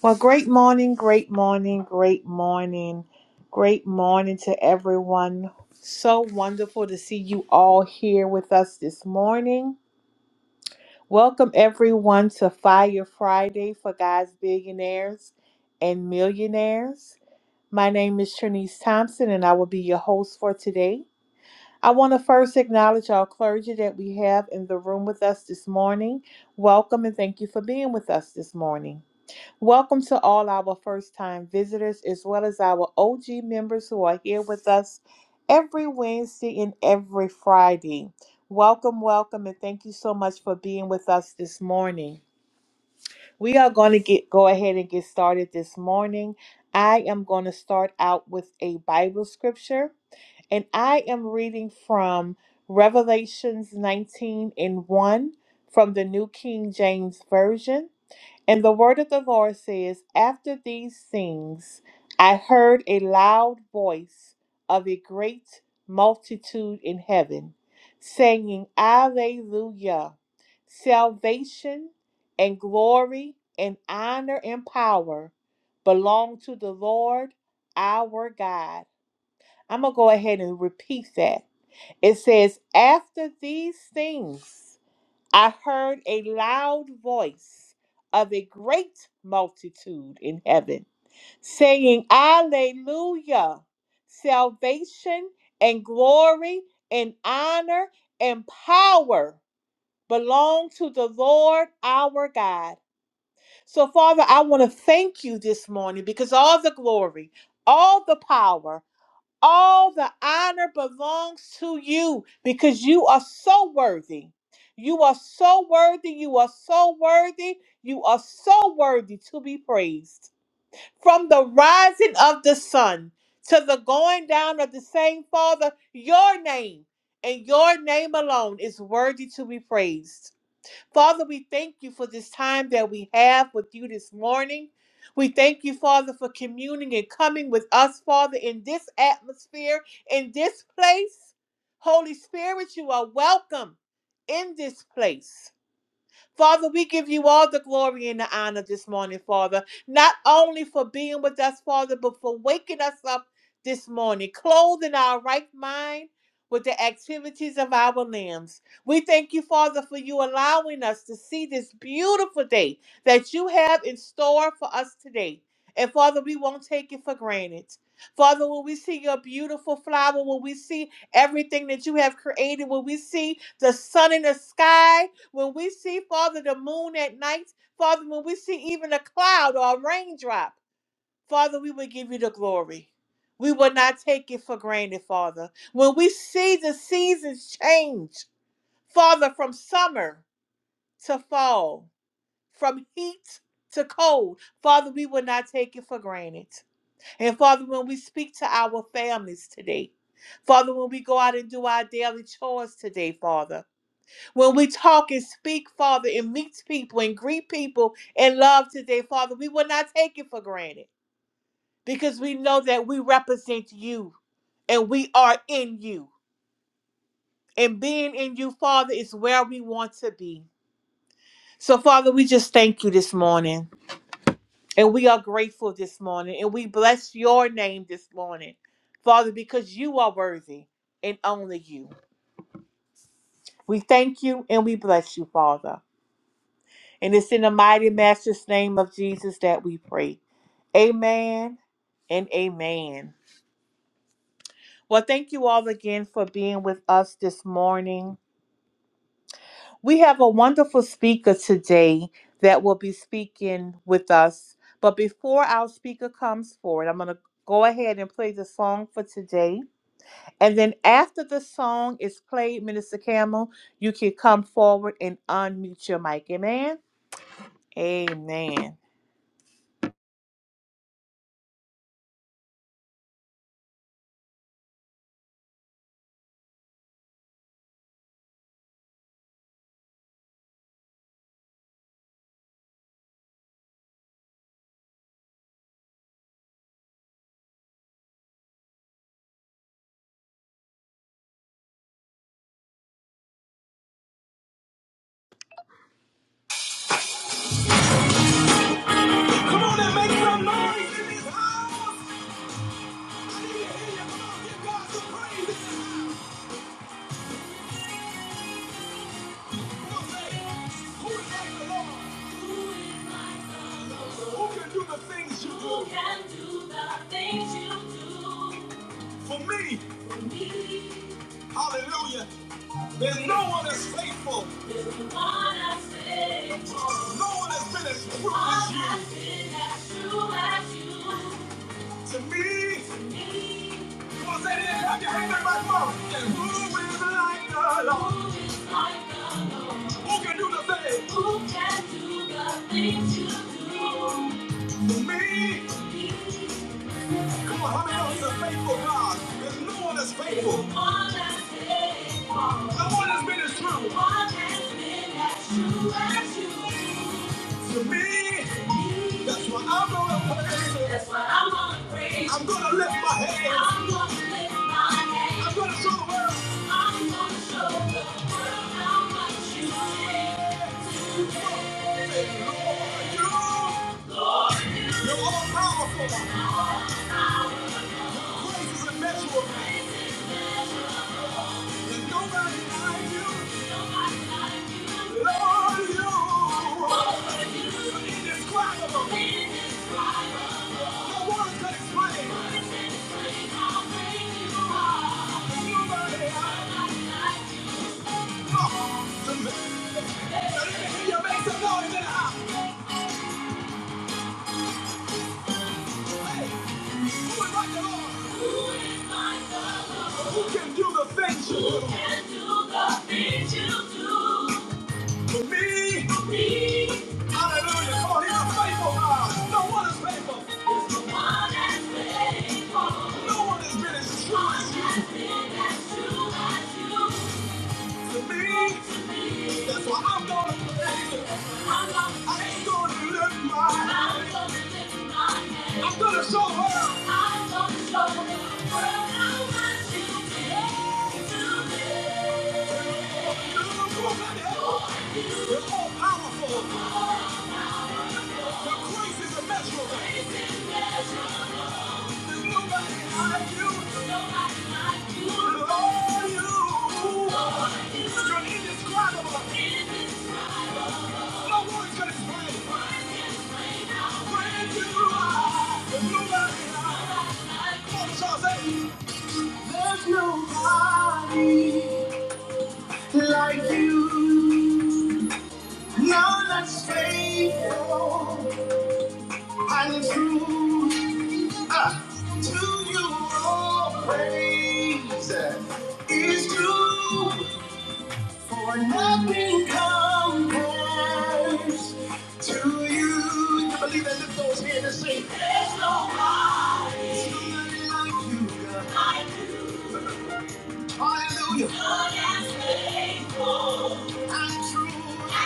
Well, great morning, great morning, great morning, great morning to everyone. So wonderful to see you all here with us this morning. Welcome, everyone, to Fire Friday for Guys, Billionaires, and Millionaires. My name is Trinice Thompson, and I will be your host for today. I want to first acknowledge our clergy that we have in the room with us this morning. Welcome, and thank you for being with us this morning. Welcome to all our first time visitors as well as our OG members who are here with us every Wednesday and every Friday. Welcome, welcome, and thank you so much for being with us this morning. We are going to get go ahead and get started this morning. I am going to start out with a Bible scripture, and I am reading from Revelations 19 and 1 from the New King James Version. And the word of the Lord says, After these things, I heard a loud voice of a great multitude in heaven, saying, Alleluia! Salvation and glory and honor and power belong to the Lord our God. I'm going to go ahead and repeat that. It says, After these things, I heard a loud voice of a great multitude in heaven saying, Alleluia! Salvation and glory and honor and power belong to the Lord our God. So, Father, I want to thank you this morning because all the glory, all the power, all the honor belongs to you because you are so worthy. You are so worthy. You are so worthy. You are so worthy to be praised. From the rising of the sun to the going down of the same Father, your name and your name alone is worthy to be praised. Father, we thank you for this time that we have with you this morning. We thank you, Father, for communing and coming with us, Father, in this atmosphere, in this place. Holy Spirit, you are welcome in this place. Father, we give you all the glory and the honor this morning, Father, not only for being with us, Father, but for waking us up this morning, clothing our right mind with the activities of our limbs. We thank you, Father, for you allowing us to see this beautiful day that you have in store for us today. And Father, we won't take it for granted. Father, when we see your beautiful flower, when we see everything that you have created, when we see the sun in the sky, when we see, Father, the moon at night, Father, when we see even a cloud or a raindrop, Father, we will give you the glory. We will not take it for granted, Father. When we see the seasons change, Father, from summer to fall, from heat to cold, Father, we will not take it for granted. And Father, when we speak to our families today, Father, when we go out and do our daily chores today, Father. When we talk and speak, Father, and meet people and greet people in love today, Father, we will not take it for granted because we know that we represent you and we are in you. And being in you, Father, is where we want to be. So, Father, we just thank you this morning and we are grateful this morning and we bless your name this morning, Father, because you are worthy and only you. We thank you and we bless you, Father. And it's in the mighty master's name of Jesus that we pray. Amen and amen. Well, thank you all again for being with us this morning. We have a wonderful speaker today that will be speaking with us. But before our speaker comes forward, I'm going to go ahead and play the song for today. And then after the song is played, Minister Camel, you can come forward and unmute your mic. Amen. Amen. Come on and make some noise in this house. I need to hear you. Come on, give God some praise. like Who can do the things you do? Who can do the things you do? For me. For me. Hallelujah. There's no one as faithful. There's no one as faithful. No one has been as true as you. No one has been as true as you. To me, come on, say this, clap your hands, everybody, come on. And who is like the Lord? Who can do the thing? Who can do the things you do? To me, come on, how many of us are faithful, God? There's no one that's faithful. No one No that's been as true. No One that's been as true as you. To me. That's why I'm gonna praise That's why I'm gonna praise I'm gonna lift my hands. I'm gonna lift my hands. I'm gonna show the world. I'm gonna show the world how much you care. Lord, you, you're all powerful. Praise is immeasurable. There's nobody like you. Lord, you. You're indescribable. No one can explain. There's nobody like you. Come on to me. Now let me hear you make some noise in the house. Hey. Who is like the Lord? Who is like the Lord? Who can do the things you do? Who can do the things you do? For me, For me. hallelujah. Come on, he's a faithful God. No one is faithful. There's No one as faithful. No one has been as true as you. No one has been as true as you. For me, that's why I'm going to praise You. I ain't gonna lift my hand. I'm gonna show her. I'm gonna show her the world how much you mean to me. You're the woman that- You're all powerful. Your grace is immeasurable. There's nobody like you. Lord, all you. are. You're indescribable. No words can explain. When you are, there's nobody like you. Come on, Charles, hey. There's nobody like you. none that's faithful and true. Ah, to you all praise is due. For nothing compares to you. I believe that lift those hands and sing. There's nobody like you, God. Hallelujah. None that's faithful And true.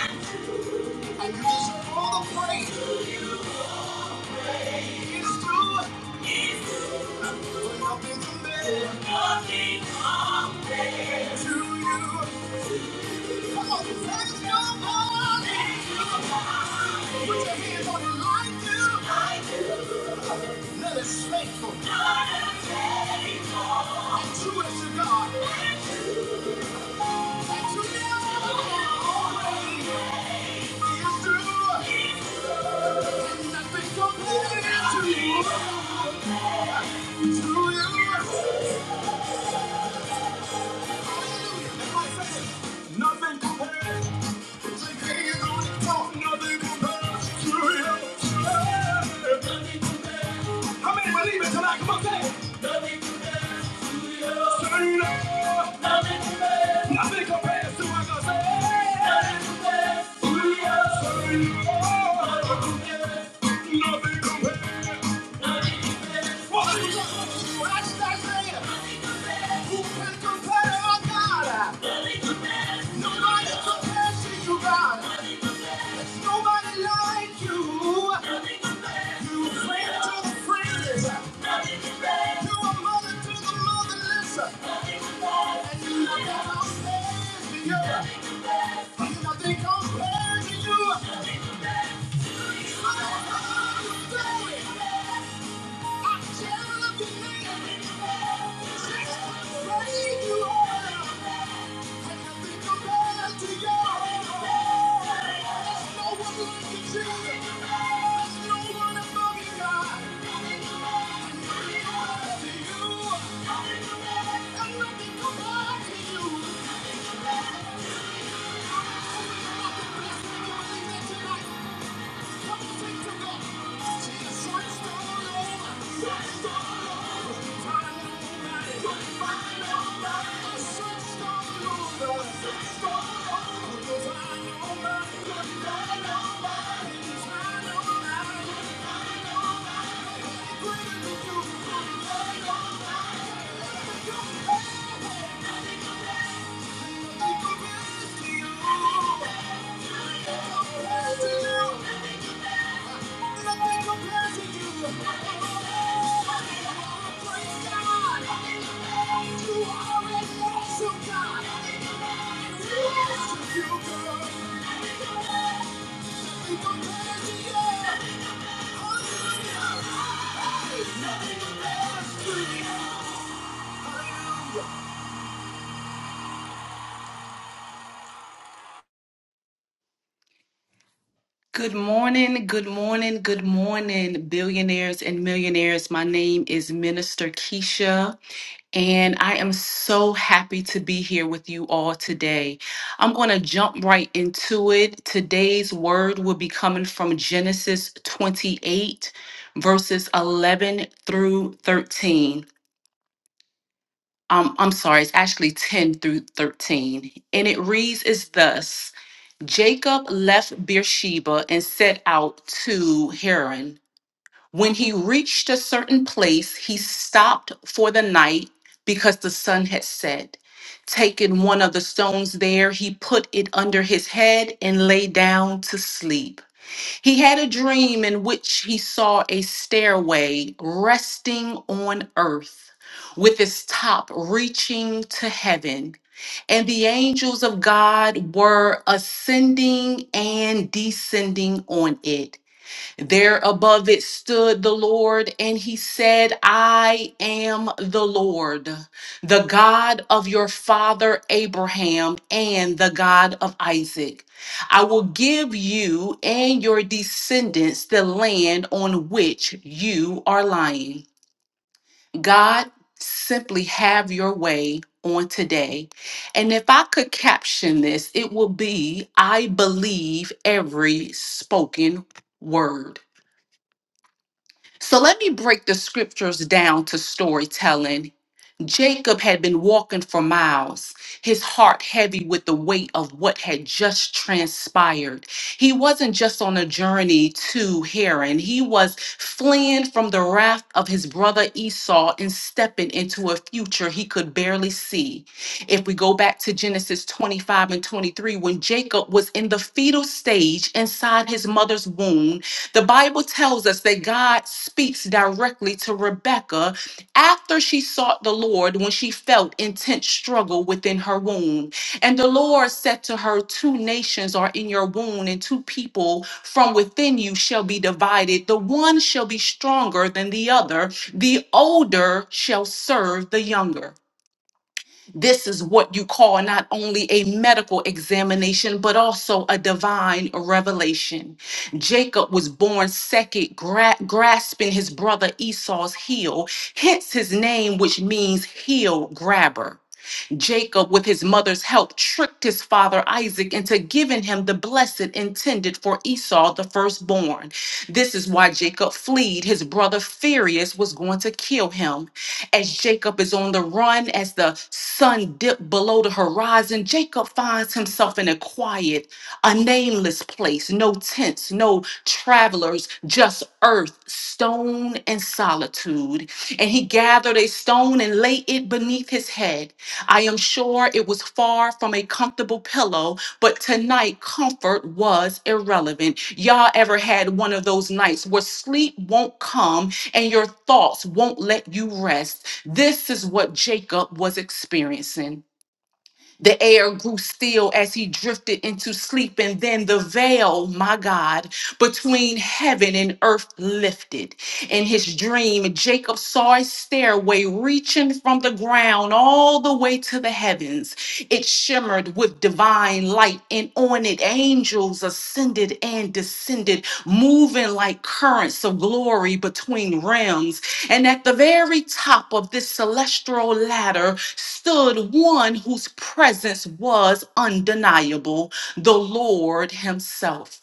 Nothing compares. How many believe it tonight? Come on, say Nothing compares to you. Nothing compares. Nothing compares to what I Nothing compares to you. Nothing compares. What do you say? What did I say? Who can compare our God? Nobody compares to you, God. Nobody like you. I'm jealous of you. Thank you. Thank you. Good morning, good morning, good morning, billionaires and millionaires. My name is Minister Keisha, and I am so happy to be here with you all today. I'm going to jump right into it. Today's word will be coming from Genesis 28, verses 11 through 13. Um, I'm sorry, it's actually 10 through 13. And it reads as thus Jacob left Beersheba and set out to Haran. When he reached a certain place, he stopped for the night because the sun had set. Taking one of the stones there, he put it under his head and lay down to sleep. He had a dream in which he saw a stairway resting on earth with its top reaching to heaven. And the angels of God were ascending and descending on it. There above it stood the Lord, and he said, I am the Lord, the God of your father Abraham and the God of Isaac. I will give you and your descendants the land on which you are lying. God, simply have your way on today. And if I could caption this, it will be I believe every spoken word. So let me break the scriptures down to storytelling Jacob had been walking for miles, his heart heavy with the weight of what had just transpired. He wasn't just on a journey to Haran, he was fleeing from the wrath of his brother Esau and stepping into a future he could barely see. If we go back to Genesis 25 and 23, when Jacob was in the fetal stage inside his mother's womb, the Bible tells us that God speaks directly to Rebekah after she sought the Lord when she felt intense struggle within her womb. And the Lord said to her, Two nations are in your womb, and two people from within you shall be divided. The one shall be stronger than the other, the older shall serve the younger. This is what you call not only a medical examination, but also a divine revelation. Jacob was born second, gra- grasping his brother Esau's heel, hence his name, which means heel grabber. Jacob, with his mother's help, tricked his father Isaac into giving him the blessing intended for Esau, the firstborn. This is why Jacob fled. His brother Furious was going to kill him. As Jacob is on the run, as the sun dipped below the horizon, Jacob finds himself in a quiet, a nameless place, no tents, no travelers, just earth, stone, and solitude. And he gathered a stone and laid it beneath his head. I am sure it was far from a comfortable pillow, but tonight comfort was irrelevant. Y'all ever had one of those nights where sleep won't come and your thoughts won't let you rest? This is what Jacob was experiencing. The air grew still as he drifted into sleep, and then the veil, my God, between heaven and earth lifted. In his dream, Jacob saw a stairway reaching from the ground all the way to the heavens. It shimmered with divine light, and on it, angels ascended and descended, moving like currents of glory between realms. And at the very top of this celestial ladder stood one whose presence was undeniable, the Lord Himself.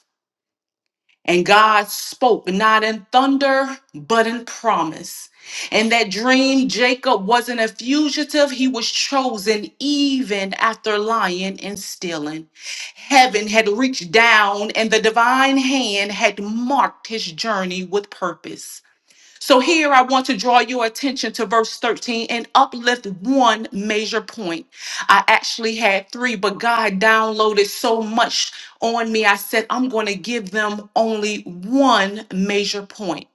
And God spoke not in thunder, but in promise. In that dream, Jacob wasn't a fugitive, he was chosen even after lying and stealing. Heaven had reached down, and the divine hand had marked his journey with purpose. So here I want to draw your attention to verse 13 and uplift one major point. I actually had three, but God downloaded so much on me. I said, I'm going to give them only one major point.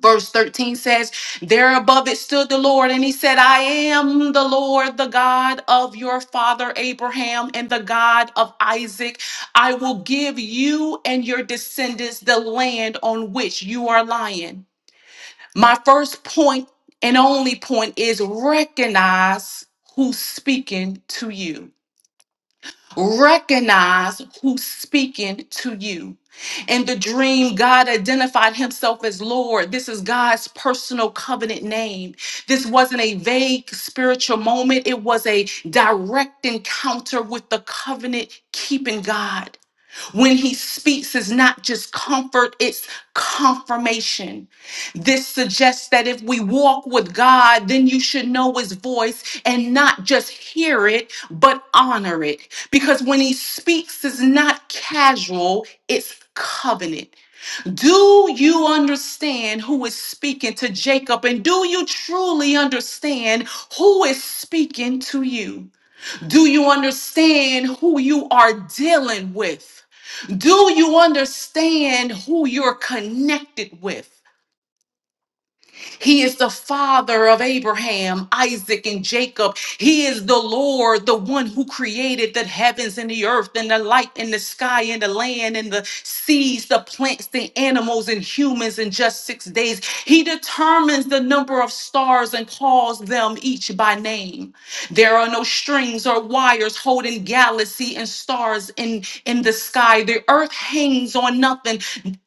Verse 13 says, There above it stood the Lord, and he said, I am the Lord, the God of your father Abraham and the God of Isaac. I will give you and your descendants the land on which you are lying. My first point and only point is recognize who's speaking to you. Recognize who's speaking to you. In the dream, God identified himself as Lord. This is God's personal covenant name. This wasn't a vague spiritual moment, it was a direct encounter with the covenant keeping God. When he speaks, is not just comfort, it's confirmation. This suggests that if we walk with God, then you should know his voice and not just hear it, but honor it. Because when he speaks, is not casual, it's covenant. Do you understand who is speaking to Jacob? And do you truly understand who is speaking to you? Do you understand who you are dealing with? Do you understand who you're connected with? He is the father of Abraham, Isaac, and Jacob. He is the Lord, the one who created the heavens and the earth and the light and the sky and the land and the seas, the plants, the animals, and humans in just six days. He determines the number of stars and calls them each by name. There are no strings or wires holding galaxy and stars in, in the sky. The earth hangs on nothing,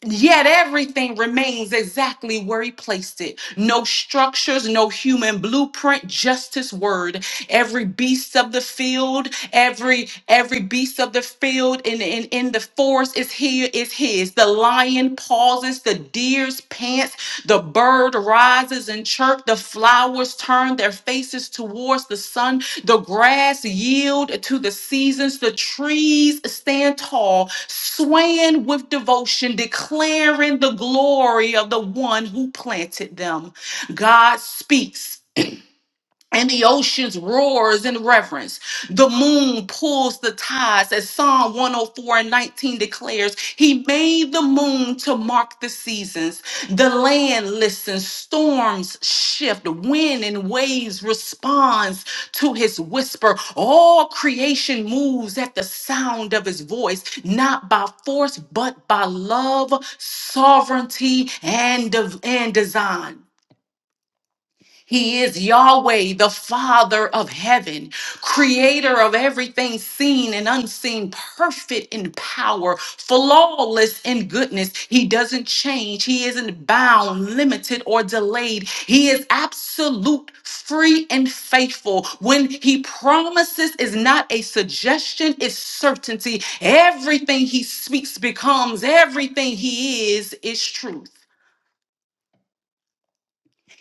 yet everything remains exactly where he placed it. No structures, no human blueprint, just his word. Every beast of the field, every every beast of the field in, in, in the forest yours is here is his. The lion pauses, the deer's pants, the bird rises and chirp, the flowers turn their faces towards the sun, the grass yield to the seasons, the trees stand tall, swaying with devotion, declaring the glory of the one who planted them. God speaks and the oceans roars in reverence. The moon pulls the tides, as Psalm 104 and 19 declares. He made the moon to mark the seasons. The land listens, storms shift, wind and waves responds to his whisper. All creation moves at the sound of his voice, not by force, but by love, sovereignty, and, and design. He is Yahweh, the Father of heaven, creator of everything seen and unseen, perfect in power, flawless in goodness. He doesn't change. He isn't bound, limited, or delayed. He is absolute, free, and faithful. When he promises is not a suggestion, it's certainty. Everything he speaks becomes, everything he is, is truth.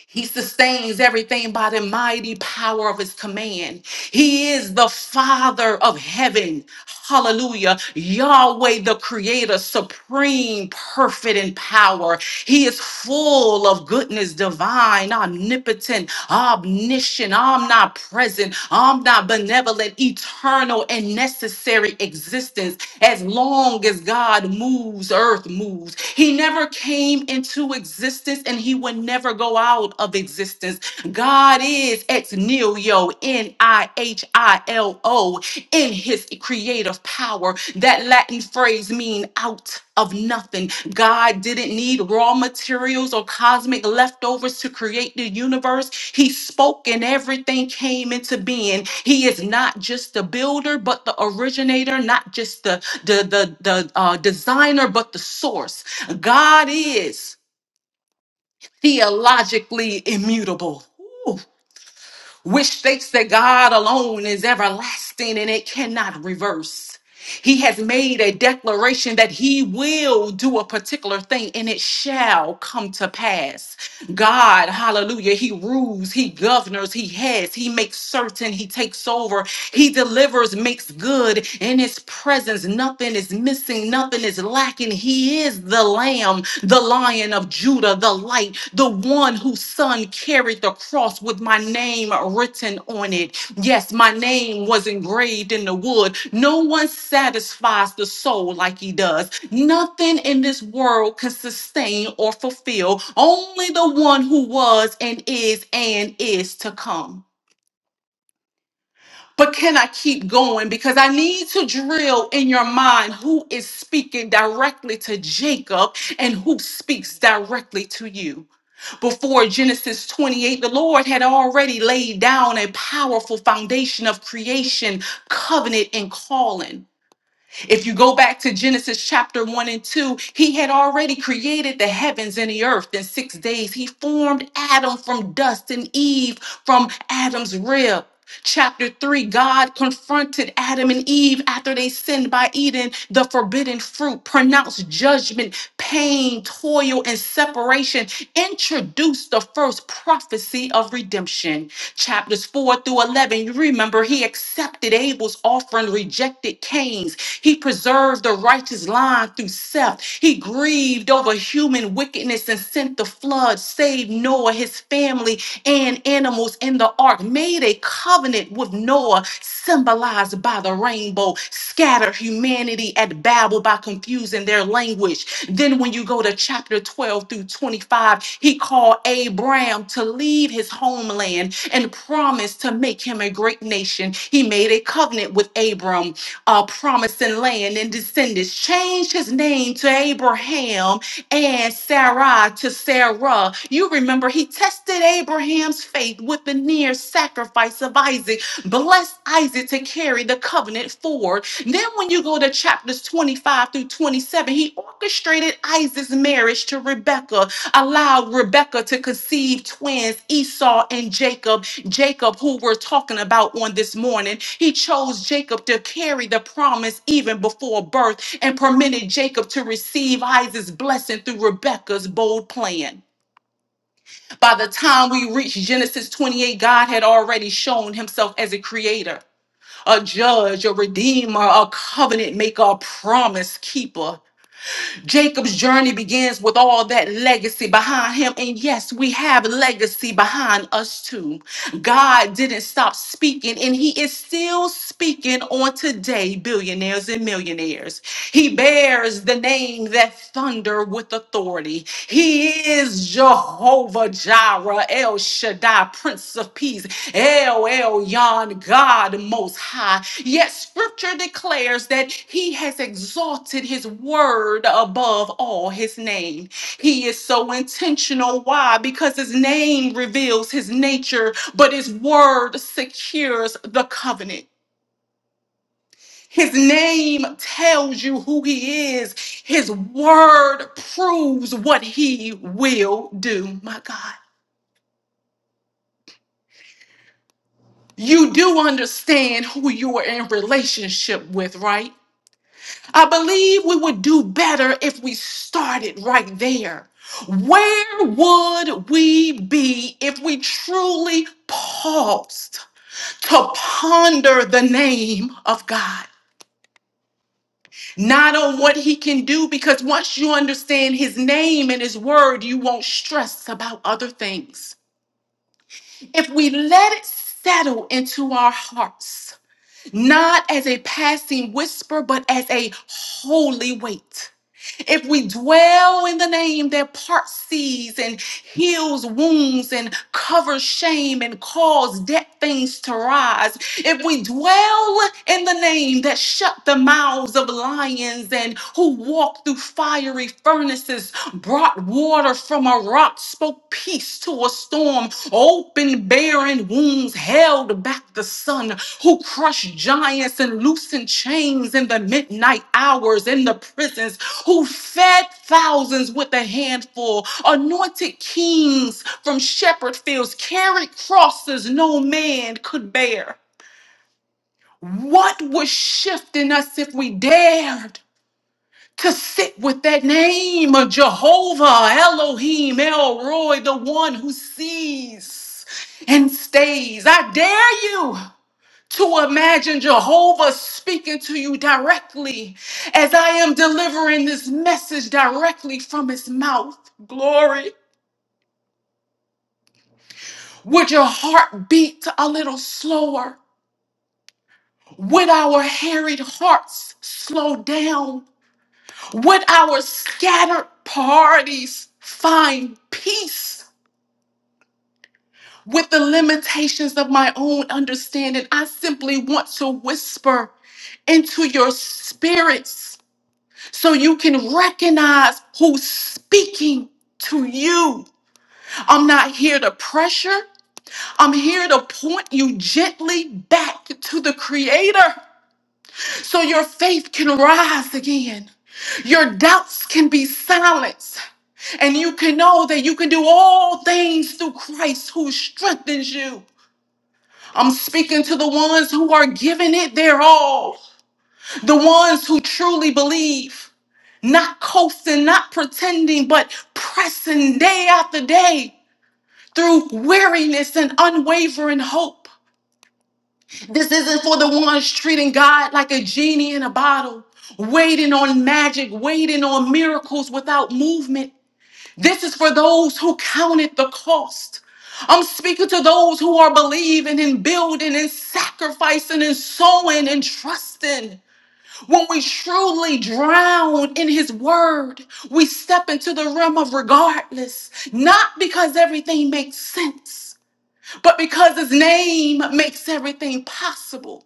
He sustains everything by the mighty power of his command. He is the Father of heaven. Hallelujah. Yahweh, the Creator, supreme, perfect in power. He is full of goodness, divine, omnipotent, omniscient, omnipresent, omnibenevolent, eternal, and necessary existence. As long as God moves, earth moves. He never came into existence and he would never go out of existence God is ex nihilo, N I H I L O, in his creative power. That Latin phrase mean out of nothing. God didn't need raw materials or cosmic leftovers to create the universe. He spoke and everything came into being. He is not just the builder, but the originator, not just the, the, the, the uh, designer, but the source. God is theologically immutable which states that God alone is everlasting and it cannot reverse. He has made a declaration that he will do a particular thing and it shall come to pass. God, hallelujah, he rules, he governs, he heads, he makes certain, he takes over, he delivers, makes good. In his presence, nothing is missing, nothing is lacking. He is the lamb, the lion of Judah, the light, the one whose son carried the cross with my name written on it. Yes, my name was engraved in the wood. No one satisfies the soul like he does. Nothing in this world can sustain or fulfill. Only the one who was and is and is to come. But can I keep going? Because I need to drill in your mind who is speaking directly to Jacob and who speaks directly to you before Genesis 28, the Lord had already laid down a powerful foundation of creation, covenant, and calling. If you go back to Genesis chapter 1 and 2, he had already created the heavens and the earth in six days. He formed Adam from dust and Eve from Adam's rib chapter 3, God confronted Adam and Eve after they sinned by eating the forbidden fruit, pronounced judgment, pain, toil, and separation, introduced the first prophecy of redemption. Chapters 4 through 11, you remember he accepted Abel's offering, rejected Cain's. He preserved the righteous line through Seth. He grieved over human wickedness greatness and sent the flood, saved Noah, his family, and animals in the ark, made a covenant with Noah, symbolized by the rainbow, scattered humanity at Babel by confusing their language. Then, when you go to chapter 12 through 25, he called Abraham to leave his homeland and promised to make him a great nation. He made a covenant with Abram, a promising land and descendants, changed his name to Abraham and Sarah to Sarah. You remember he tested Abraham's faith with the near sacrifice of Isaac. Bless Isaac to carry the covenant forward. Then, when you go to chapters 25 through 27, he orchestrated Isaac's marriage to Rebekah, allowed Rebekah to conceive twins, Esau and Jacob. Jacob, who we're talking about on this morning, he chose Jacob to carry the promise even before birth and permitted Jacob to receive Isaac's blessing through Rebekah's bold plan. By the time we reach Genesis 28, God had already shown himself as a creator a judge, a redeemer, a covenant maker, a promise keeper. Jacob's journey begins with all that legacy behind him. And yes, we have legacy behind us too. God didn't stop speaking, and He is still speaking on today, billionaires and millionaires. He bears the name that thunder with authority. He is Jehovah Jireh, El Shaddai, Prince of Peace. El Elyon, God Most High. Yet Scripture declares that He has exalted His word above all His name. He is so intentional. Why? Because His name reveals His nature, but His word secures the covenant. His name tells you who he is. His word proves what he will do. My God. You do understand who you are in relationship with, right? I believe we would do better if we started right there. Where would we be if we truly paused to ponder the name of God? Not on what he can do, because once you understand his name and his word, you won't stress about other things. If we let it settle into our hearts, not as a passing whisper, but as a holy weight If we dwell in the name that parts seas and heals wounds and covers shame and calls dead things to rise, if we dwell in the name that shut the mouths of lions and who walked through fiery furnaces, brought water from a rock, spoke peace to a storm, open barren wombs held back the sun, who crushed giants and loosened chains in the midnight hours in the prisons, who fed thousands with a handful, anointed kings from shepherd fields, carried crosses no man could bear. What would shift in us if we dared? to sit with that name of Jehovah, Elohim, El Roy, the one who sees and stays. I dare you to imagine Jehovah speaking to you directly as I am delivering this message directly from his mouth. Glory. Would your heart beat a little slower? Would our harried hearts slow down? Would our scattered parties find peace? with the limitations of my own understanding. I simply want to whisper into your spirits so you can recognize who's speaking to you. I'm not here to pressure, I'm here to point you gently back to the Creator so your faith can rise again. Your doubts can be silenced, and you can know that you can do all things through Christ who strengthens you. I'm speaking to the ones who are giving it their all, the ones who truly believe, not coasting, not pretending, but pressing day after day through weariness and unwavering hope. This isn't for the ones treating God like a genie in a bottle, waiting on magic, waiting on miracles without movement. This is for those who counted the cost. I'm speaking to those who are believing and building and sacrificing and sowing and trusting. When we truly drown in His Word, we step into the realm of regardless, not because everything makes sense, but because His name makes everything possible.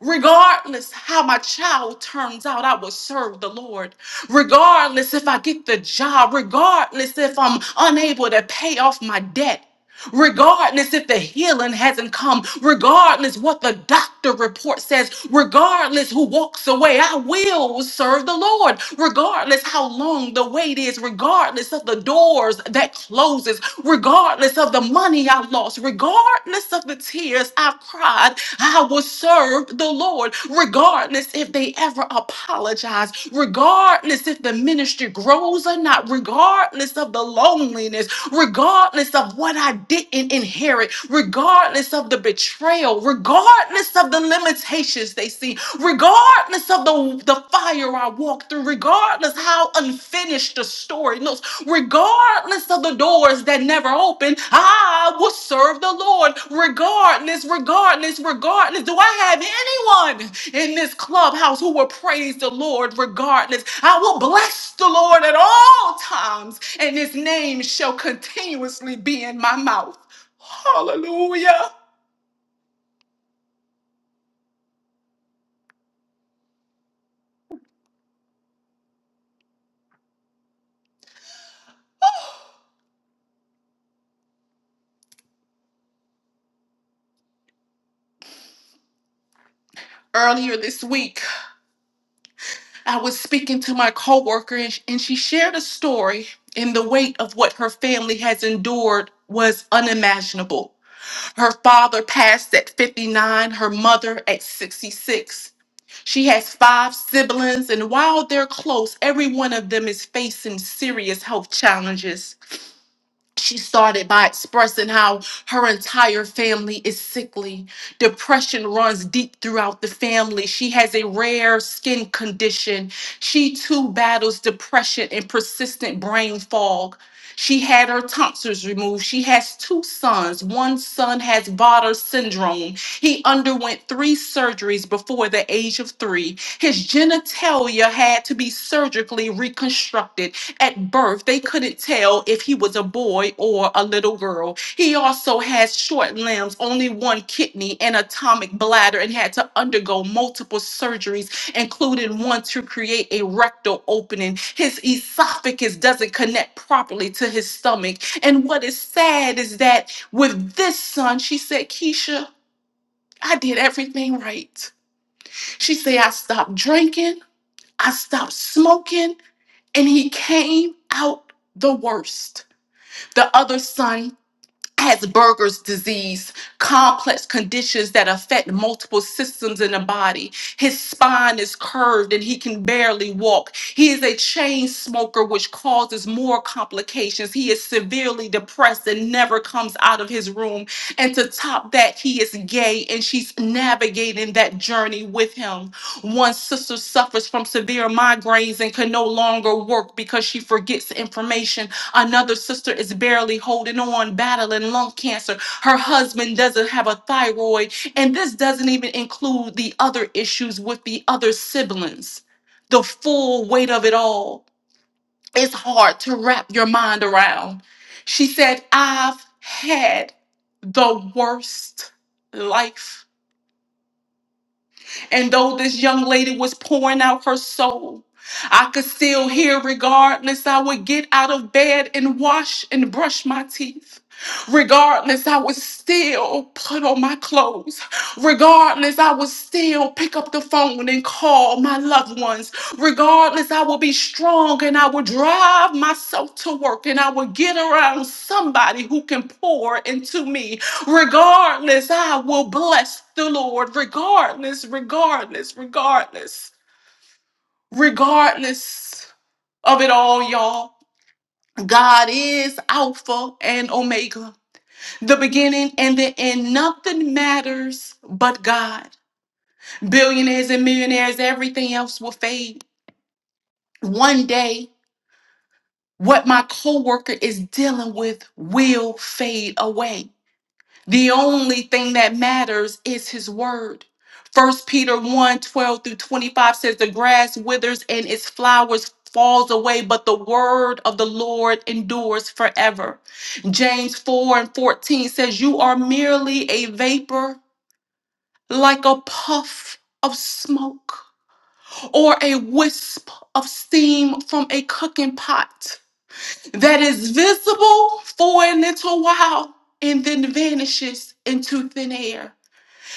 Regardless how my child turns out, I will serve the Lord. Regardless if I get the job, regardless if I'm unable to pay off my debt, regardless if the healing hasn't come, regardless what the doctor report says, regardless who walks away, I will serve the Lord, regardless how long the wait is, regardless of the doors that closes, regardless of the money I lost, regardless of the tears I've cried, I will serve the Lord. Lord, regardless if they ever apologize, regardless if the ministry grows or not, regardless of the loneliness, regardless of what I didn't inherit, regardless of the betrayal, regardless of the limitations they see, regardless of the, the fire I walk through, regardless how unfair finish the story. No, regardless of the doors that never open, I will serve the Lord. Regardless, regardless, regardless. Do I have anyone in this clubhouse who will praise the Lord regardless? I will bless the Lord at all times, and his name shall continuously be in my mouth. Hallelujah. Earlier this week, I was speaking to my coworker and, sh- and she shared a story and the weight of what her family has endured was unimaginable. Her father passed at 59, her mother at 66. She has five siblings and while they're close, every one of them is facing serious health challenges she started by expressing how her entire family is sickly. Depression runs deep throughout the family. She has a rare skin condition. She too battles depression and persistent brain fog. She had her tonsils removed. She has two sons. One son has Vater syndrome. He underwent three surgeries before the age of three. His genitalia had to be surgically reconstructed at birth, they couldn't tell if he was a boy or a little girl. He also has short limbs, only one kidney, and atomic bladder, and had to undergo multiple surgeries, including one to create a rectal opening. His esophagus doesn't connect properly to his stomach. And what is sad is that with this son, she said, Keisha, I did everything right. She said, I stopped drinking. I stopped smoking and he came out the worst. The other son Asperger's disease, complex conditions that affect multiple systems in the body. His spine is curved and he can barely walk. He is a chain smoker, which causes more complications. He is severely depressed and never comes out of his room. And to top that, he is gay and she's navigating that journey with him. One sister suffers from severe migraines and can no longer work because she forgets information Another sister is barely holding on, battling lung cancer. Her husband doesn't have a thyroid. And this doesn't even include the other issues with the other siblings. The full weight of it all. It's hard to wrap your mind around. She said, I've had the worst life and though this young lady was pouring out her soul, I could still hear, regardless, I would get out of bed and wash and brush my teeth. Regardless, I would still put on my clothes. Regardless, I would still pick up the phone and call my loved ones. Regardless, I would be strong and I would drive myself to work and I would get around somebody who can pour into me Regardless, I will bless the Lord. Regardless, regardless, regardless, regardless of it all, y'all. God is Alpha and Omega, the beginning and the end. Nothing matters but God. Billionaires and millionaires, everything else will fade. One day, what my coworker is dealing with will fade away. The only thing that matters is his word. First Peter one 12 through 25 says, The grass withers and its flowers falls away, but the word of the Lord endures forever. James 4 and 14 says, You are merely a vapor, like a puff of smoke, or a wisp of steam from a cooking pot that is visible for a little while and then vanishes into thin air.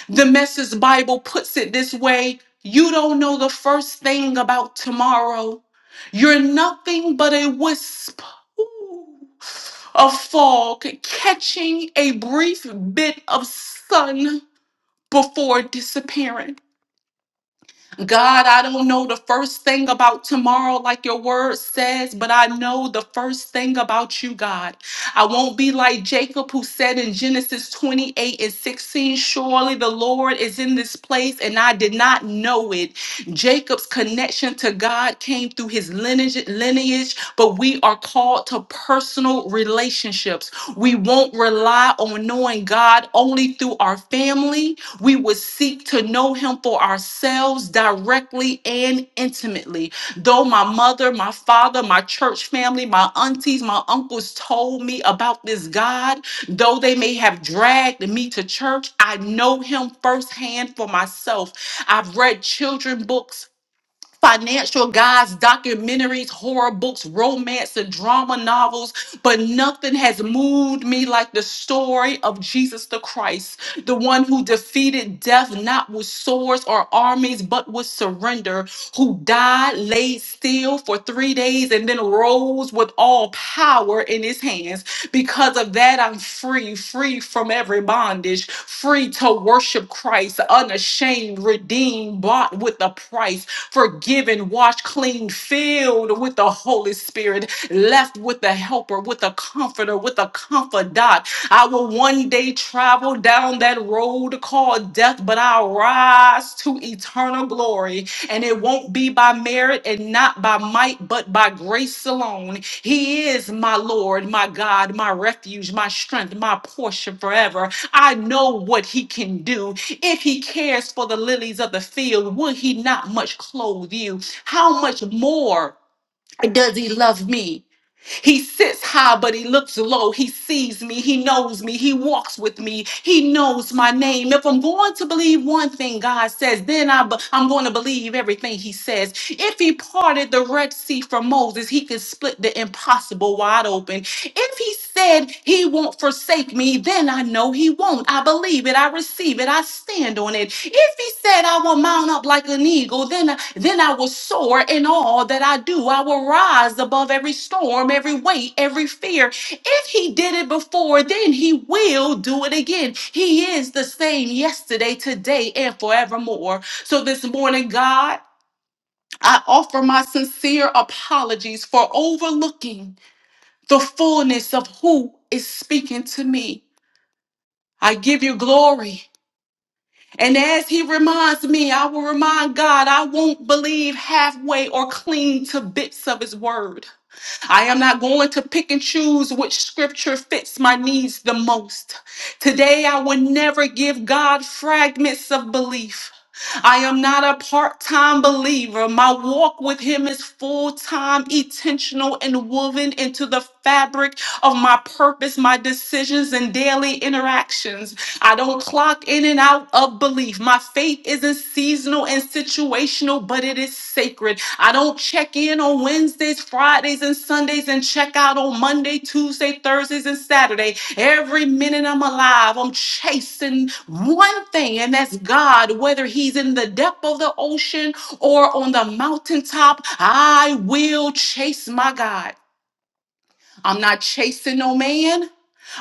The Message Bible puts it this way you don't know the first thing about tomorrow. You're nothing but a wisp ooh, of fog catching a brief bit of sun before disappearing. God, I don't know the first thing about tomorrow, like your word says, but I know the first thing about you, God. I won't be like Jacob, who said in Genesis 28 and 16, Surely the Lord is in this place, and I did not know it. Jacob's connection to God came through his lineage, lineage, but we are called to personal relationships. We won't rely on knowing God only through our family we would seek to know him for ourselves directly and intimately. Though my mother, my father, my church family, my aunties, my uncles told me about this God, though they may have dragged me to church, I know him firsthand for myself. I've read children books financial guides, documentaries, horror books, romance, and drama novels, but nothing has moved me like the story of Jesus the Christ, the one who defeated death not with swords or armies, but with surrender, who died, laid still for three days, and then rose with all power in his hands hands. Because of that, I'm free, free from every bondage, free to worship Christ, unashamed, redeemed, bought with a price, forgiven, washed clean, filled with the Holy Spirit, left with the helper, with a comforter, with a confidant. I will one day travel down that road called death but I'll rise to eternal glory. And it won't be by merit and not by might, but by grace alone. He is my Lord, my God, my refuge, my strength, my portion forever. I know what He can do. If He cares for the lilies of the field, will He not much clothe you? How much more does He love me? He sits high, but he looks low. He sees me. He knows me. He walks with me. He knows my name. If I'm going to believe one thing God says, then I, be- I'm going to believe everything he says. If he parted the Red Sea for Moses, he could split the impossible wide open open. If he said he won't forsake me, then I know he won't. I believe it. I receive it. I stand on it. If he said I will mount up like an eagle, then, then I will soar in all that I do. I will rise above every storm, every weight, every fear. If he did it before, then he will do it again. He is the same yesterday, today, and forevermore. So this morning, God, I offer my sincere apologies for overlooking the fullness of who is speaking to me. I give you glory. And as he reminds me, I will remind God I won't believe halfway or cling to bits of his word. I am not going to pick and choose which scripture fits my needs the most. Today, I will never give God fragments of belief. I am not a part time believer. My walk with Him is full time, intentional, and woven into the fabric of my purpose, my decisions, and daily interactions. I don't clock in and out of belief. My faith isn't seasonal and situational, but it is sacred. I don't check in on Wednesdays, Fridays, and Sundays and check out on Monday, Tuesday, Thursdays, and Saturday. Every minute I'm alive, I'm chasing one thing, and that's God. Whether He's in the depth of the ocean or on the mountaintop, I will chase my God. I'm not chasing no man.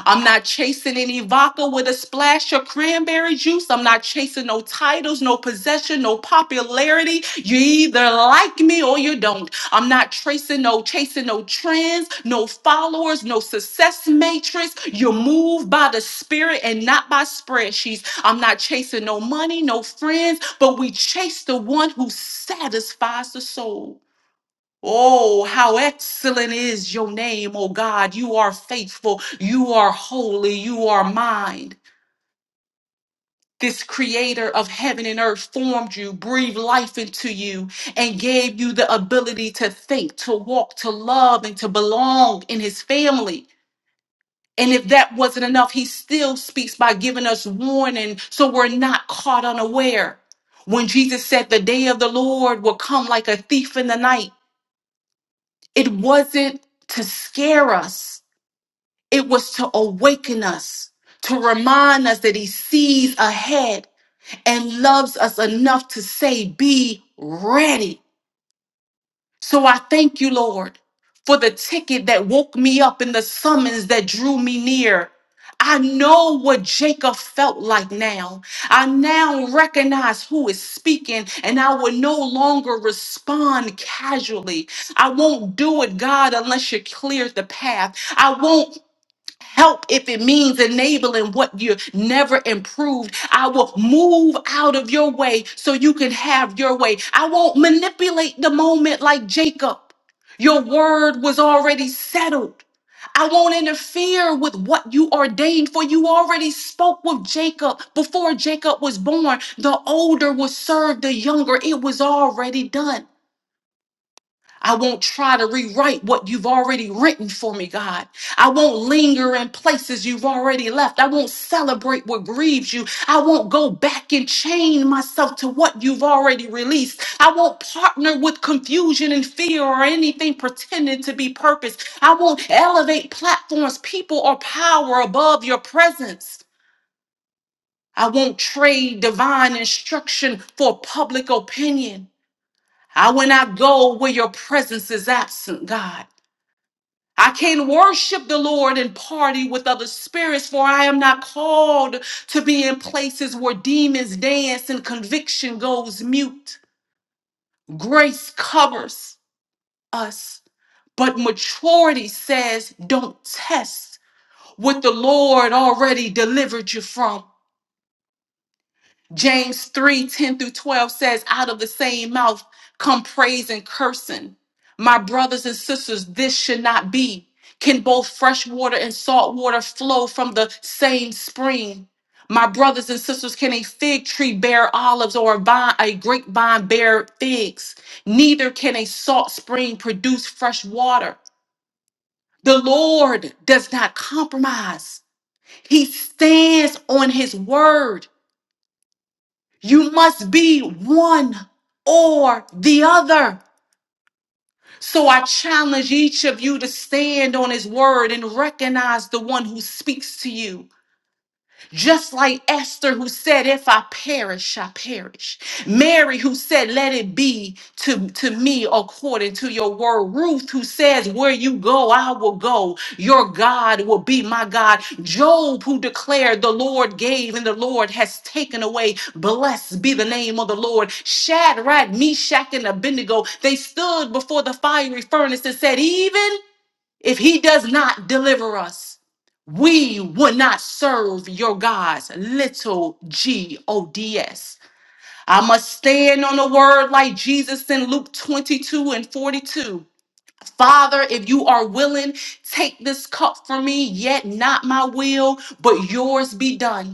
I'm not chasing any vodka with a splash of cranberry juice. I'm not chasing no titles, no possession, no popularity. You either like me or you don't. I'm not tracing no chasing no trends, no followers, no success matrix. you move by the spirit and not by spreadsheets. I'm not chasing no money, no friends, but we chase the one who satisfies the soul. Oh, how excellent is your name, oh God. You are faithful. You are holy. You are mine. This creator of heaven and earth formed you, breathed life into you, and gave you the ability to think, to walk, to love, and to belong in his family. And if that wasn't enough, he still speaks by giving us warning so we're not caught unaware. When Jesus said the day of the Lord will come like a thief in the night, it wasn't to scare us It was to awaken us, to remind us that He sees ahead and loves us enough to say, Be ready. So I thank you, Lord, for the ticket that woke me up and the summons that drew me near. I know what Jacob felt like now. I now recognize who is speaking, and I will no longer respond casually. I won't do it, God, unless you clear the path. I won't help if it means enabling what you never improved. I will move out of your way so you can have your way. I won't manipulate the moment like Jacob. Your word was already settled. I won't interfere with what you ordained, for you already spoke with Jacob before Jacob was born. The older will serve the younger. It was already done. I won't try to rewrite what you've already written for me, God. I won't linger in places you've already left. I won't celebrate what grieves you. I won't go back and chain myself to what you've already released. I won't partner with confusion and fear or anything pretending to be purpose. I won't elevate platforms, people, or power above your presence. I won't trade divine instruction for public opinion. I will not go where your presence is absent, God. I can not worship the Lord and party with other spirits, for I am not called to be in places where demons dance and conviction goes mute. Grace covers us, but maturity says, don't test what the Lord already delivered you from. James 3 10 through 12 says, Out of the same mouth come praise and cursing. My brothers and sisters, this should not be. Can both fresh water and salt water flow from the same spring? My brothers and sisters, can a fig tree bear olives or a vine, a grapevine bear figs? Neither can a salt spring produce fresh water. The Lord does not compromise. He stands on his word. You must be one or the other. So I challenge each of you to stand on his word and recognize the one who speaks to you. Just like Esther, who said, If I perish, I perish. Mary, who said, Let it be to, to me according to your word. Ruth, who says, Where you go, I will go. Your God will be my God. Job, who declared, The Lord gave and the Lord has taken away. Blessed be the name of the Lord. Shadrach, Meshach, and Abednego, they stood before the fiery furnace and said, Even if he does not deliver us, we will not serve your gods. Little G O D S. I must stand on the word like Jesus in Luke 22 and 42. Father, if you are willing, take this cup from me, yet not my will, but yours be done.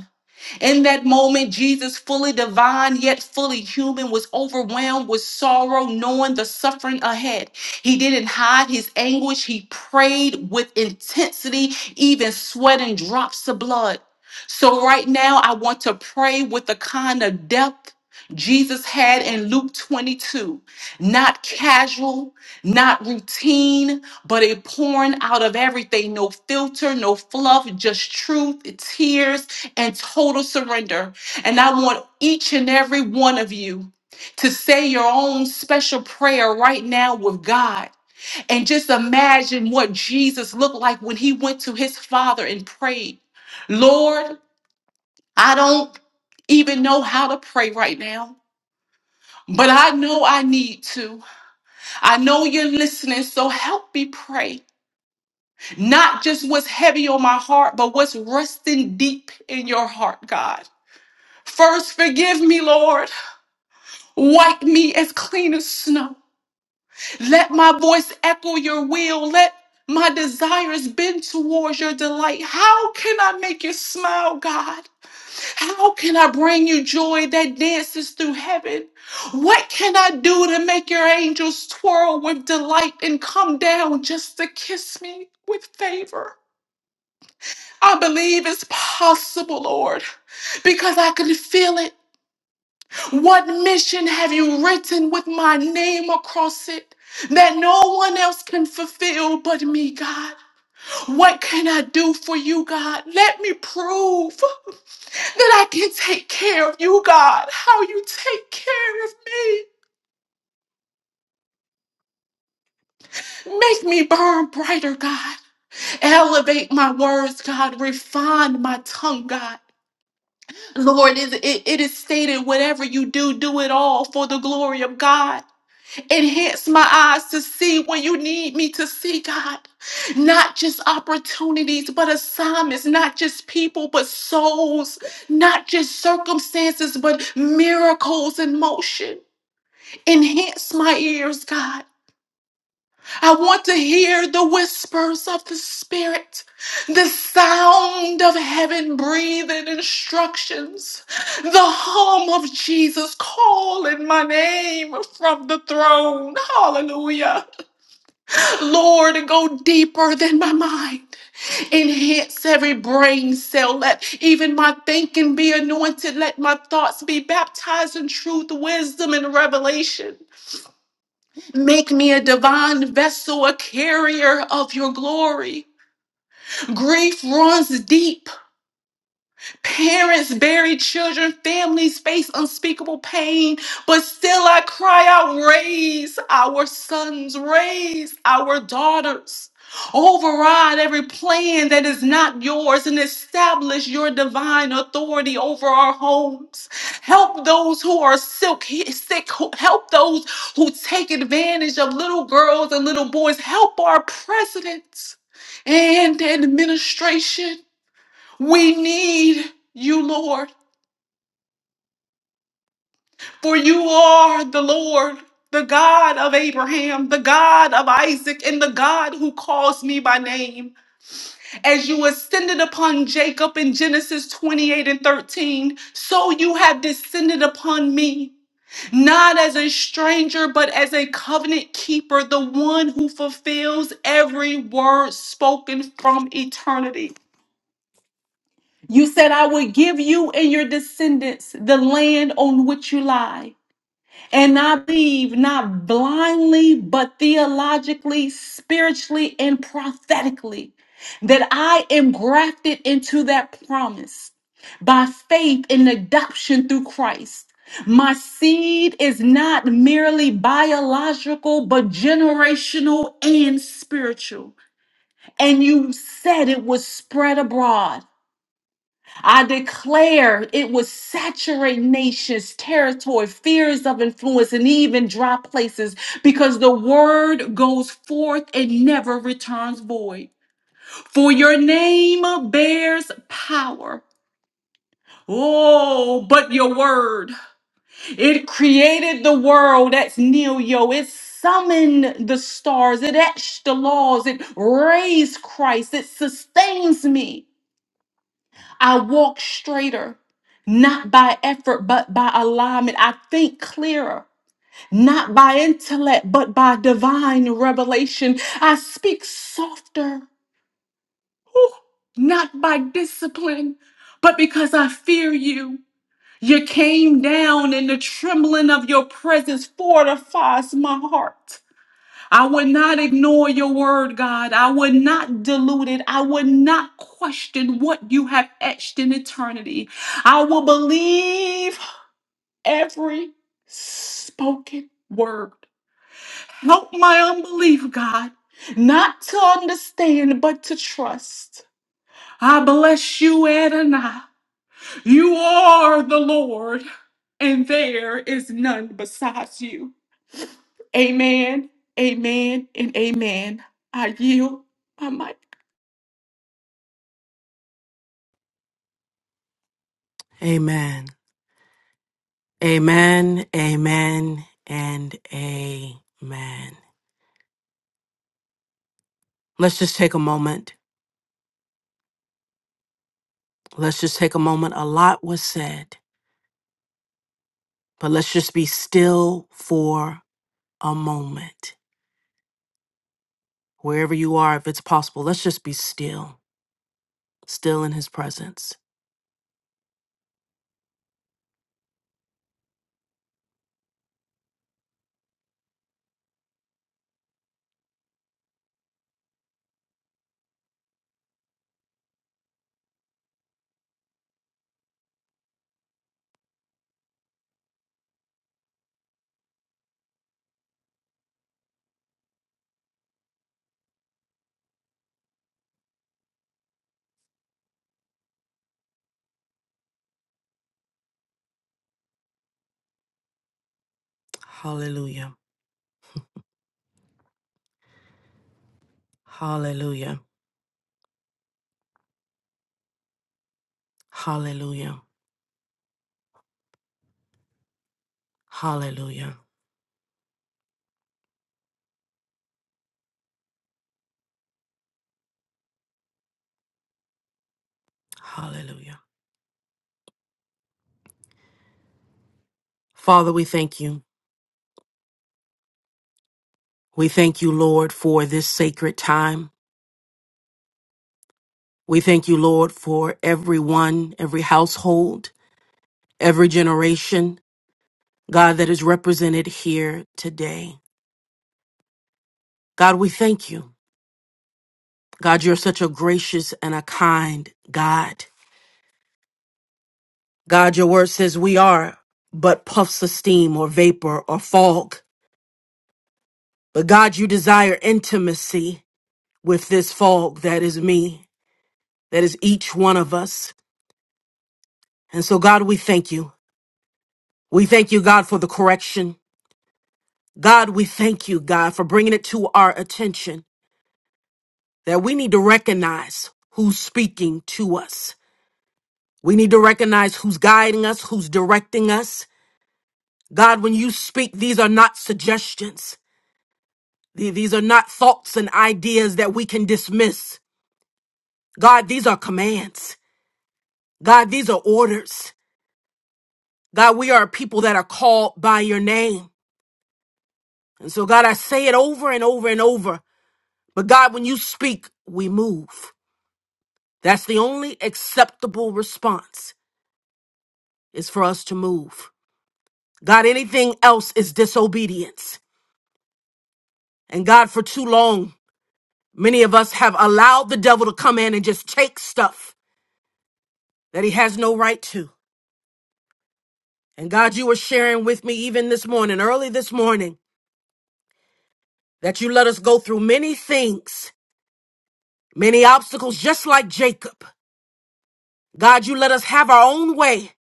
In that moment, Jesus, fully divine yet fully human, was overwhelmed with sorrow, knowing the suffering ahead. He didn't hide his anguish, he prayed with intensity, even sweating drops of blood. So, right now, I want to pray with the kind of depth. Jesus had in Luke 22, not casual, not routine, but a pouring out of everything. No filter, no fluff, just truth, tears, and total surrender. And I want each and every one of you to say your own special prayer right now with God. And just imagine what Jesus looked like when he went to his Father and prayed. Lord, I don't even know how to pray right now, but I know I need to. I know you're listening, so help me pray. Not just what's heavy on my heart, but what's resting deep in your heart, God. First, forgive me, Lord. Wipe me as clean as snow. Let my voice echo your will. Let my desires bend towards your delight. How can I make you smile, God? How can I bring you joy that dances through heaven? What can I do to make your angels twirl with delight and come down just to kiss me with favor? I believe it's possible, Lord, because I can feel it. What mission have you written with my name across it that no one else can fulfill but me, God? What can I do for you, God? Let me prove that I can take care of you, God. How you take care of me. Make me burn brighter, God. Elevate my words, God. Refine my tongue, God. Lord, it, it it is stated whatever you do, do it all for the glory of God. Enhance my eyes to see when you need me to see, God. Not just opportunities, but assignments, not just people, but souls, not just circumstances, but miracles in motion. Enhance my ears, God. I want to hear the whispers of the Spirit, the sound of heaven breathing instructions, the hum of Jesus calling my name from the throne. Hallelujah. Lord, to go deeper than my mind. Enhance every brain cell. Let even my thinking be anointed. Let my thoughts be baptized in truth, wisdom, and revelation. Make me a divine vessel, a carrier of your glory. Grief runs deep. Parents buried children, families face unspeakable pain, but still I cry out, raise our sons, raise our daughters. Override every plan that is not yours and establish your divine authority over our homes. Help those who are silk- sick, who- help those who take advantage of little girls and little boys. Help our presidents and administration. We need you, Lord, for you are the Lord, the God of Abraham, the God of Isaac, and the God who calls me by name. As you ascended upon Jacob in Genesis 28 and 13, so you have descended upon me. Not as a stranger, but as a covenant keeper, the one who fulfills every word spoken from eternity. You said, I would give you and your descendants the land on which you lie. And I believe not blindly, but theologically, spiritually, and prophetically that I am grafted into that promise by faith in adoption through Christ. My seed is not merely biological, but generational and spiritual. And you said it was spread abroad. I declare it would saturate nations, territory, fears of influence, and even dry places because the word goes forth and never returns void. For your name bears power. Oh, but your word. It created the world. That's Neo. It summoned the stars. It etched the laws. It raised Christ. It sustains me. I walk straighter, not by effort, but by alignment. I think clearer, not by intellect, but by divine revelation. I speak softer, whew, not by discipline, but because I fear you. You came down, and the trembling of your presence fortifies my heart. I would not ignore your word, God. I would not dilute it. I would not question what you have etched in eternity. I will believe every spoken word. Help my unbelief, God, not to understand, but to trust. I bless you, Adonai. You are the Lord, and there is none besides you. Amen, amen, and amen. I yield my mic. Amen. Amen. Amen. And amen. Let's just take a moment. Let's just take a moment. A lot was said, but let's just be still for a moment. Wherever you are, if it's possible, let's just be still, still in his presence. Hallelujah. Hallelujah. Hallelujah. Hallelujah. Hallelujah. Father, we thank you. We thank you, Lord, for this sacred time. We thank you, Lord, for everyone, every household, every generation, God, that is represented here today. God, we thank you. God, you're such a gracious and a kind God. God, your word says we are but puffs of steam or vapor or fog. But God, you desire intimacy with this fog that is me, that is each one of us. And so, God, we thank you. We thank you, God, for the correction. God, we thank you, God, for bringing it to our attention that we need to recognize who's speaking to us. We need to recognize who's guiding us, who's directing us. God, when you speak, these are not suggestions. The- These are not thoughts and ideas that we can dismiss. God, these are commands. God, these are orders. God, we are a people that are called by your name. And so, God, I say it over and over and over. But God, when you speak, we move. That's the only acceptable response is for us to move. God, anything else is disobedience. And God, for too long, many of us have allowed the devil to come in and just take stuff that he has no right to. And God, you were sharing with me even this morning, early this morning, that you let us go through many things, many obstacles, just like Jacob. God, you let us have our own way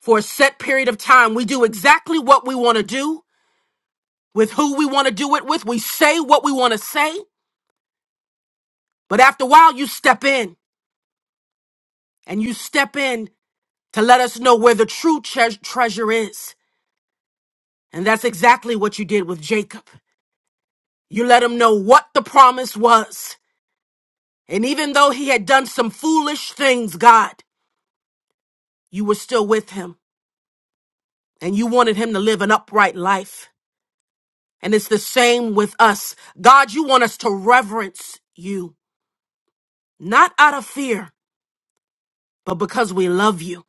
for a set period of time. We do exactly what we want to do with who we want to do it with. We say what we want to say, but after a while, you step in and you step in to let us know where the true tre- treasure is. And that's exactly what you did with Jacob. You let him know what the promise was. And even though he had done some foolish things, God, you were still with him and you wanted him to live an upright life. And it's the same with us. God, you want us to reverence you, not out of fear, but because we love you.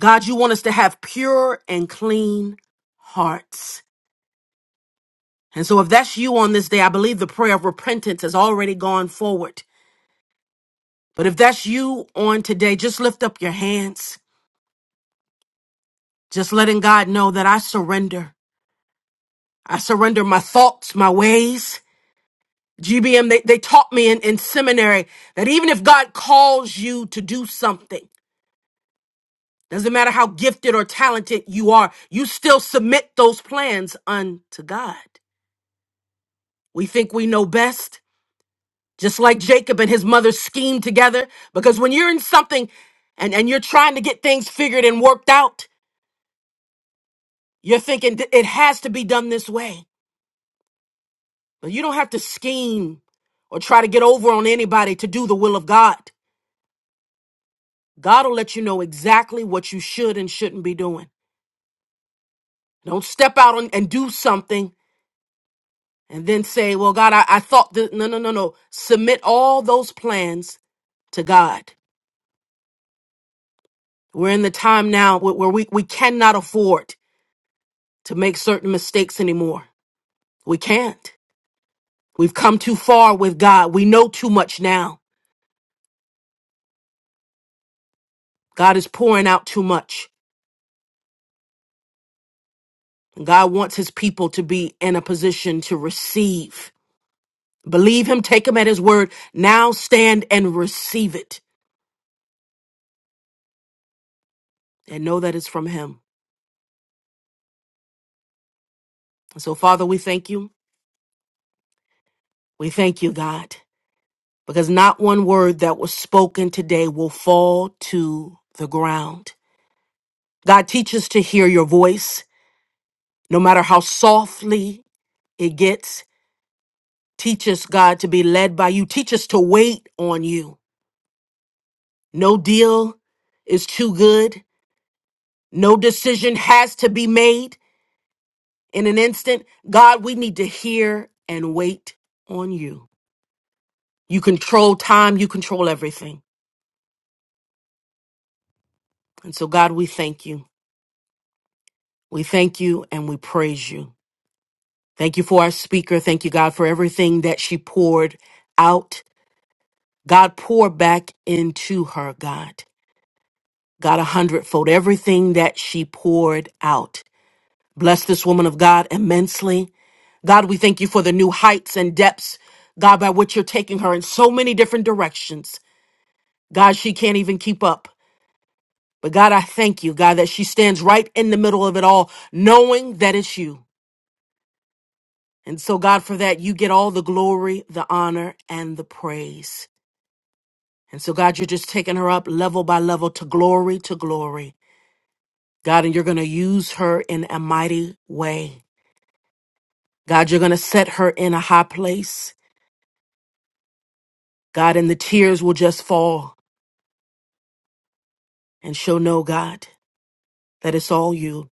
God, you want us to have pure and clean hearts. And so, if that's you on this day, I believe the prayer of repentance has already gone forward. But if that's you on today, just lift up your hands, just letting God know that I surrender. I surrender my thoughts, my ways. GBM, they, they taught me in, in seminary that even if God calls you to do something, doesn't matter how gifted or talented you are, you still submit those plans unto God. We think we know best. just like Jacob and his mother schemed together. Because when you're in something and, and you're trying to get things figured and worked out, you're thinking "Th- it has to be done this way. But you don't have to scheme or try to get over on anybody to do the will of God. God will let you know exactly what you should and shouldn't be doing. Don't step out on, and do something and then say, well, God, I, I thought that. No, no, no, no. Submit all those plans to God. We're in the time now where where we, we cannot afford to make certain mistakes anymore. We can't. We've come too far with God. We know too much now. God is pouring out too much. And God wants his people to be in a position to receive. Believe him, take him at his word. Now stand and receive it and know that it's from him. And so, Father, we thank you. We thank you, God, because not one word that was spoken today will fall to the ground. God, teach us to hear your voice, no matter how softly it gets Teach us, God, to be led by you. Teach us to wait on you. No deal is too good. No decision has to be made in an instant. God, we need to hear and wait on you. You control time, you control everything. And so, God, we thank you. We thank you and we praise you. Thank you for our speaker. Thank you, God, for everything that she poured out. God, pour back into her, God. God, a hundredfold, everything that she poured out. Bless this woman of God immensely. God, we thank you for the new heights and depths, God, by which you're taking her in so many different directions. God, she can't even keep up. But God, I thank you, God, that she stands right in the middle of it all, knowing that it's you. And so, God, for that, you get all the glory, the honor, and the praise. And so, God, you're just taking her up level by level to glory to glory. God, and you're going to use her in a mighty way. God, you're going to set her in a high place. God, and the tears will just fall, and she'll know, God, that it's all you,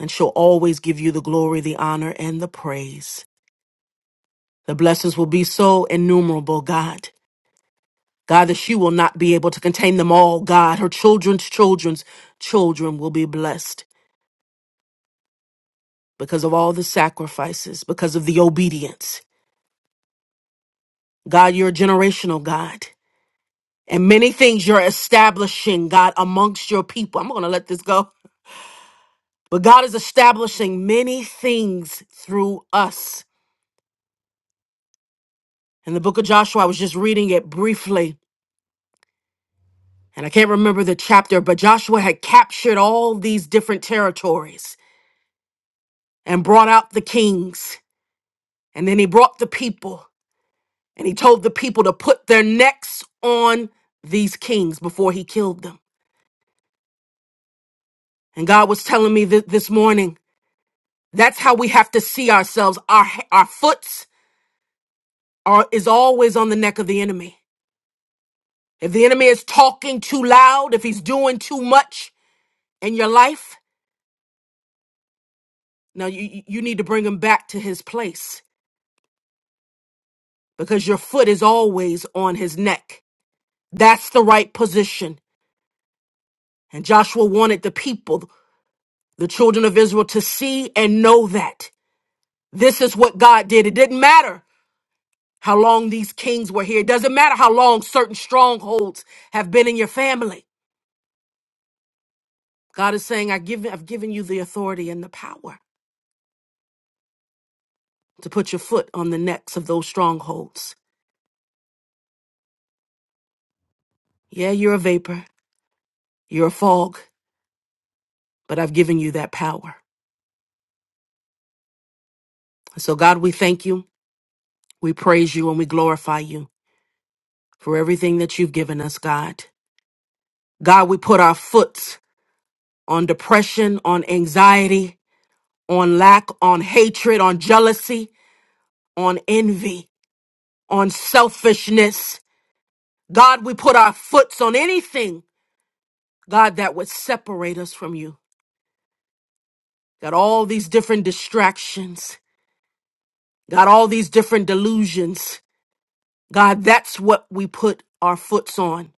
and she'll always give you the glory, the honor, and the praise. The blessings will be so innumerable, God. God, that she will not be able to contain them all, God. Her children's children's children will be blessed because of all the sacrifices, because of the obedience. God, you're a generational God. And many things you're establishing, God, amongst your people. I'm going to let this go. But God is establishing many things through us. In the book of Joshua, I was just reading it briefly, and I can't remember the chapter, but Joshua had captured all these different territories and brought out the kings. And then he brought the people, and he told the people to put their necks on these kings before he killed them. And God was telling me th- this morning, that's how we have to see ourselves. Our, our foots are, is always on the neck of the enemy. If the enemy is talking too loud, if he's doing too much in your life, now you, you need to bring him back to his place because your foot is always on his neck. That's the right position. And Joshua wanted the people, the children of Israel, to see and know that. This is what God did. It didn't matter how long these kings were here. It doesn't matter how long certain strongholds have been in your family. God is saying, I give, I've given you the authority and the power. to put your foot on the necks of those strongholds. Yeah, you're a vapor, you're a fog, but I've given you that power. So, God, we thank you, we praise you, and we glorify you for everything that you've given us, God. God, we put our foot on depression, on anxiety, on lack, on hatred, on jealousy, on envy, on selfishness. God, we put our foots on anything, God, that would separate us from you. Got all these different distractions God, all these different delusions. God, that's what we put our foots on.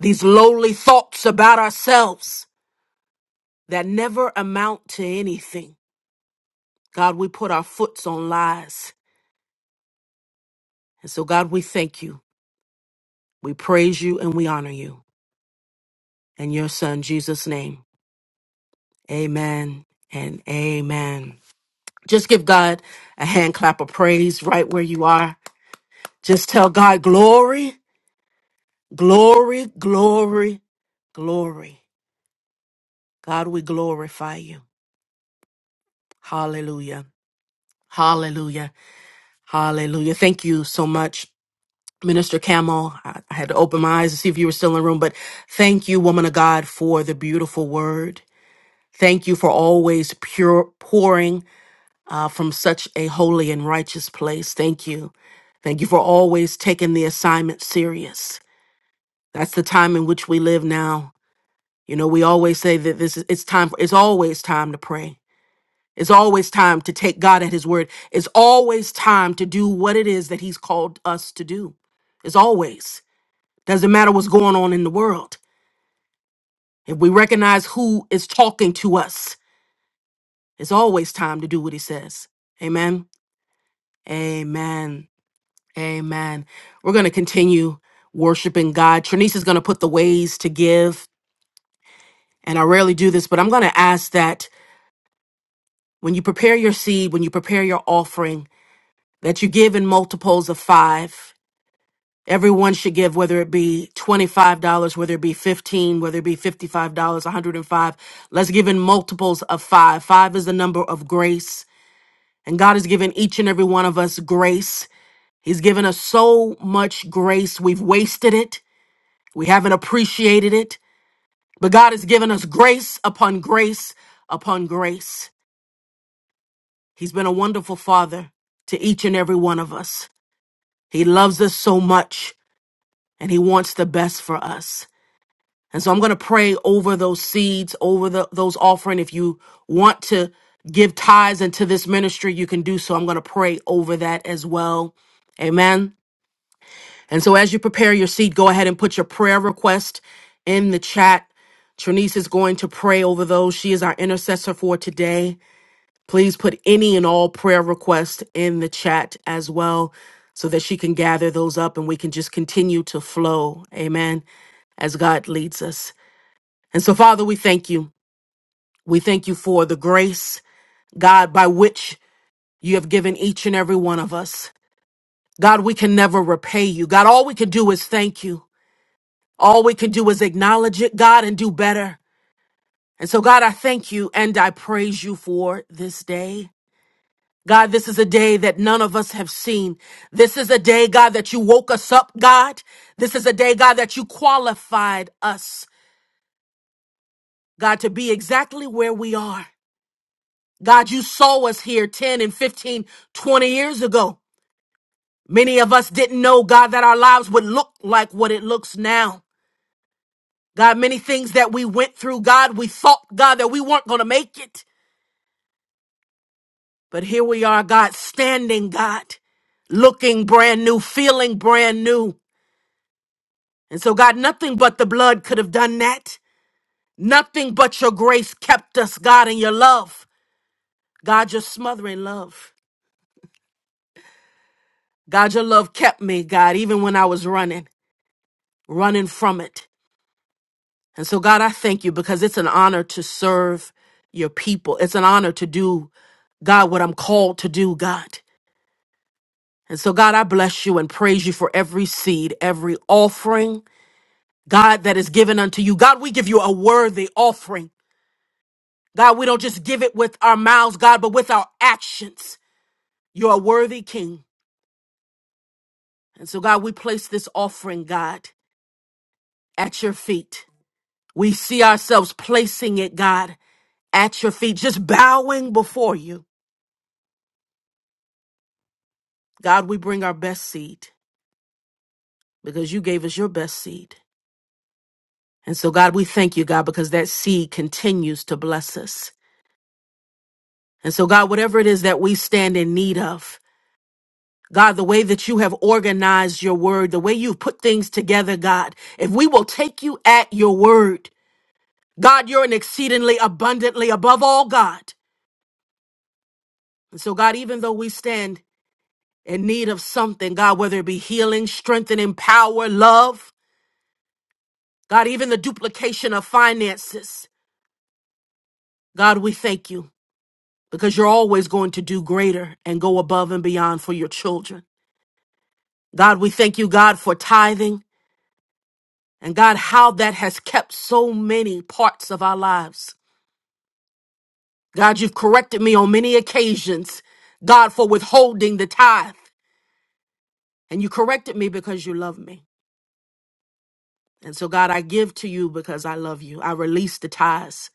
These lowly thoughts about ourselves that never amount to anything. God, we put our foots on lies. And so, God, we thank you. We praise you and we honor you. In your son, Jesus' name, amen and amen. Just give God a hand clap of praise right where you are. Just tell God, glory, glory, glory, glory. God, we glorify you. Hallelujah. Hallelujah. Hallelujah. Thank you so much, Minister Camel. I I had to open my eyes to see if you were still in the room, but thank you, woman of God, for the beautiful word. Thank you for always pure pouring uh, from such a holy and righteous place. Thank you. Thank you for always taking the assignment serious. That's the time in which we live now. You know, we always say that this is it's time for it's always time to pray. It's always time to take God at His word. It's always time to do what it is that He's called us to do. It's always. Doesn't matter what's going on in the world. If we recognize who is talking to us, it's always time to do what He says. Amen. Amen. Amen. We're going to continue worshiping God. Trinice is going to put the ways to give. And I rarely do this, but I'm going to ask that when you prepare your seed, when you prepare your offering, that you give in multiples of five Everyone should give, whether it be $25, whether it be 15, whether it be $55, 105. Let's give in multiples of five. Five is the number of grace. And God has given each and every one of us grace. He's given us so much grace. We've wasted it. We haven't appreciated it. But God has given us grace upon grace upon grace. He's been a wonderful father to each and every one of us. He loves us so much and he wants the best for us. And so I'm going to pray over those seeds, over the, those offering. If you want to give tithes into this ministry, you can do so. I'm going to pray over that as well. Amen. And so as you prepare your seed, go ahead and put your prayer request in the chat. Trinice is going to pray over those. She is our intercessor for today. Please put any and all prayer requests in the chat as well so that she can gather those up and we can just continue to flow. Amen. As God leads us. And so, Father, we thank you. We thank you for the grace, God, by which you have given each and every one of us. God, we can never repay you. God, all we can do is thank you. All we can do is acknowledge it, God, and do better. And so, God, I thank you and I praise you for this day. God, this is a day that none of us have seen. This is a day, God, that you woke us up, God. This is a day, God, that you qualified us, God, to be exactly where we are. God, you saw us here 10 and 15, 20 years ago. Many of us didn't know, God, that our lives would look like what it looks now. God, many things that we went through, God, we thought, God, that we weren't going to make it. But here we are, God, standing, God, looking brand new, feeling brand new. And so, God, nothing but the blood could have done that. Nothing but your grace kept us, God, and your love. God, your smothering love. God, your love kept me, God, even when I was running. running from it. And so, God, I thank you because it's an honor to serve your people. It's an honor to do, God, what I'm called to do, God. And so, God, I bless you and praise you for every seed, every offering, God, that is given unto you. God, we give you a worthy offering. God, we don't just give it with our mouths, God, but with our actions. You're a worthy King. And so, God, we place this offering, God, at your feet. We see ourselves placing it, God. at your feet, just bowing before you. God, we bring our best seed because you gave us your best seed. And so, God, we thank you, God, because that seed continues to bless us. And so, God, whatever it is that we stand in need of, God, the way that you have organized your word, the way you've put things together, God, if we will take you at your word, God, you're an exceedingly abundantly above all, God. And so, God, even though we stand in need of something, God, whether it be healing, strengthening, power, love, God, even the duplication of finances. God, we thank you because you're always going to do greater and go above and beyond for your children. God, we thank you, God, for tithing and God, how that has kept so many parts of our lives. God, you've corrected me on many occasions, God, for withholding the tithe. And you corrected me because you love me. And so, God, I give to you because I love you. I release the tithes.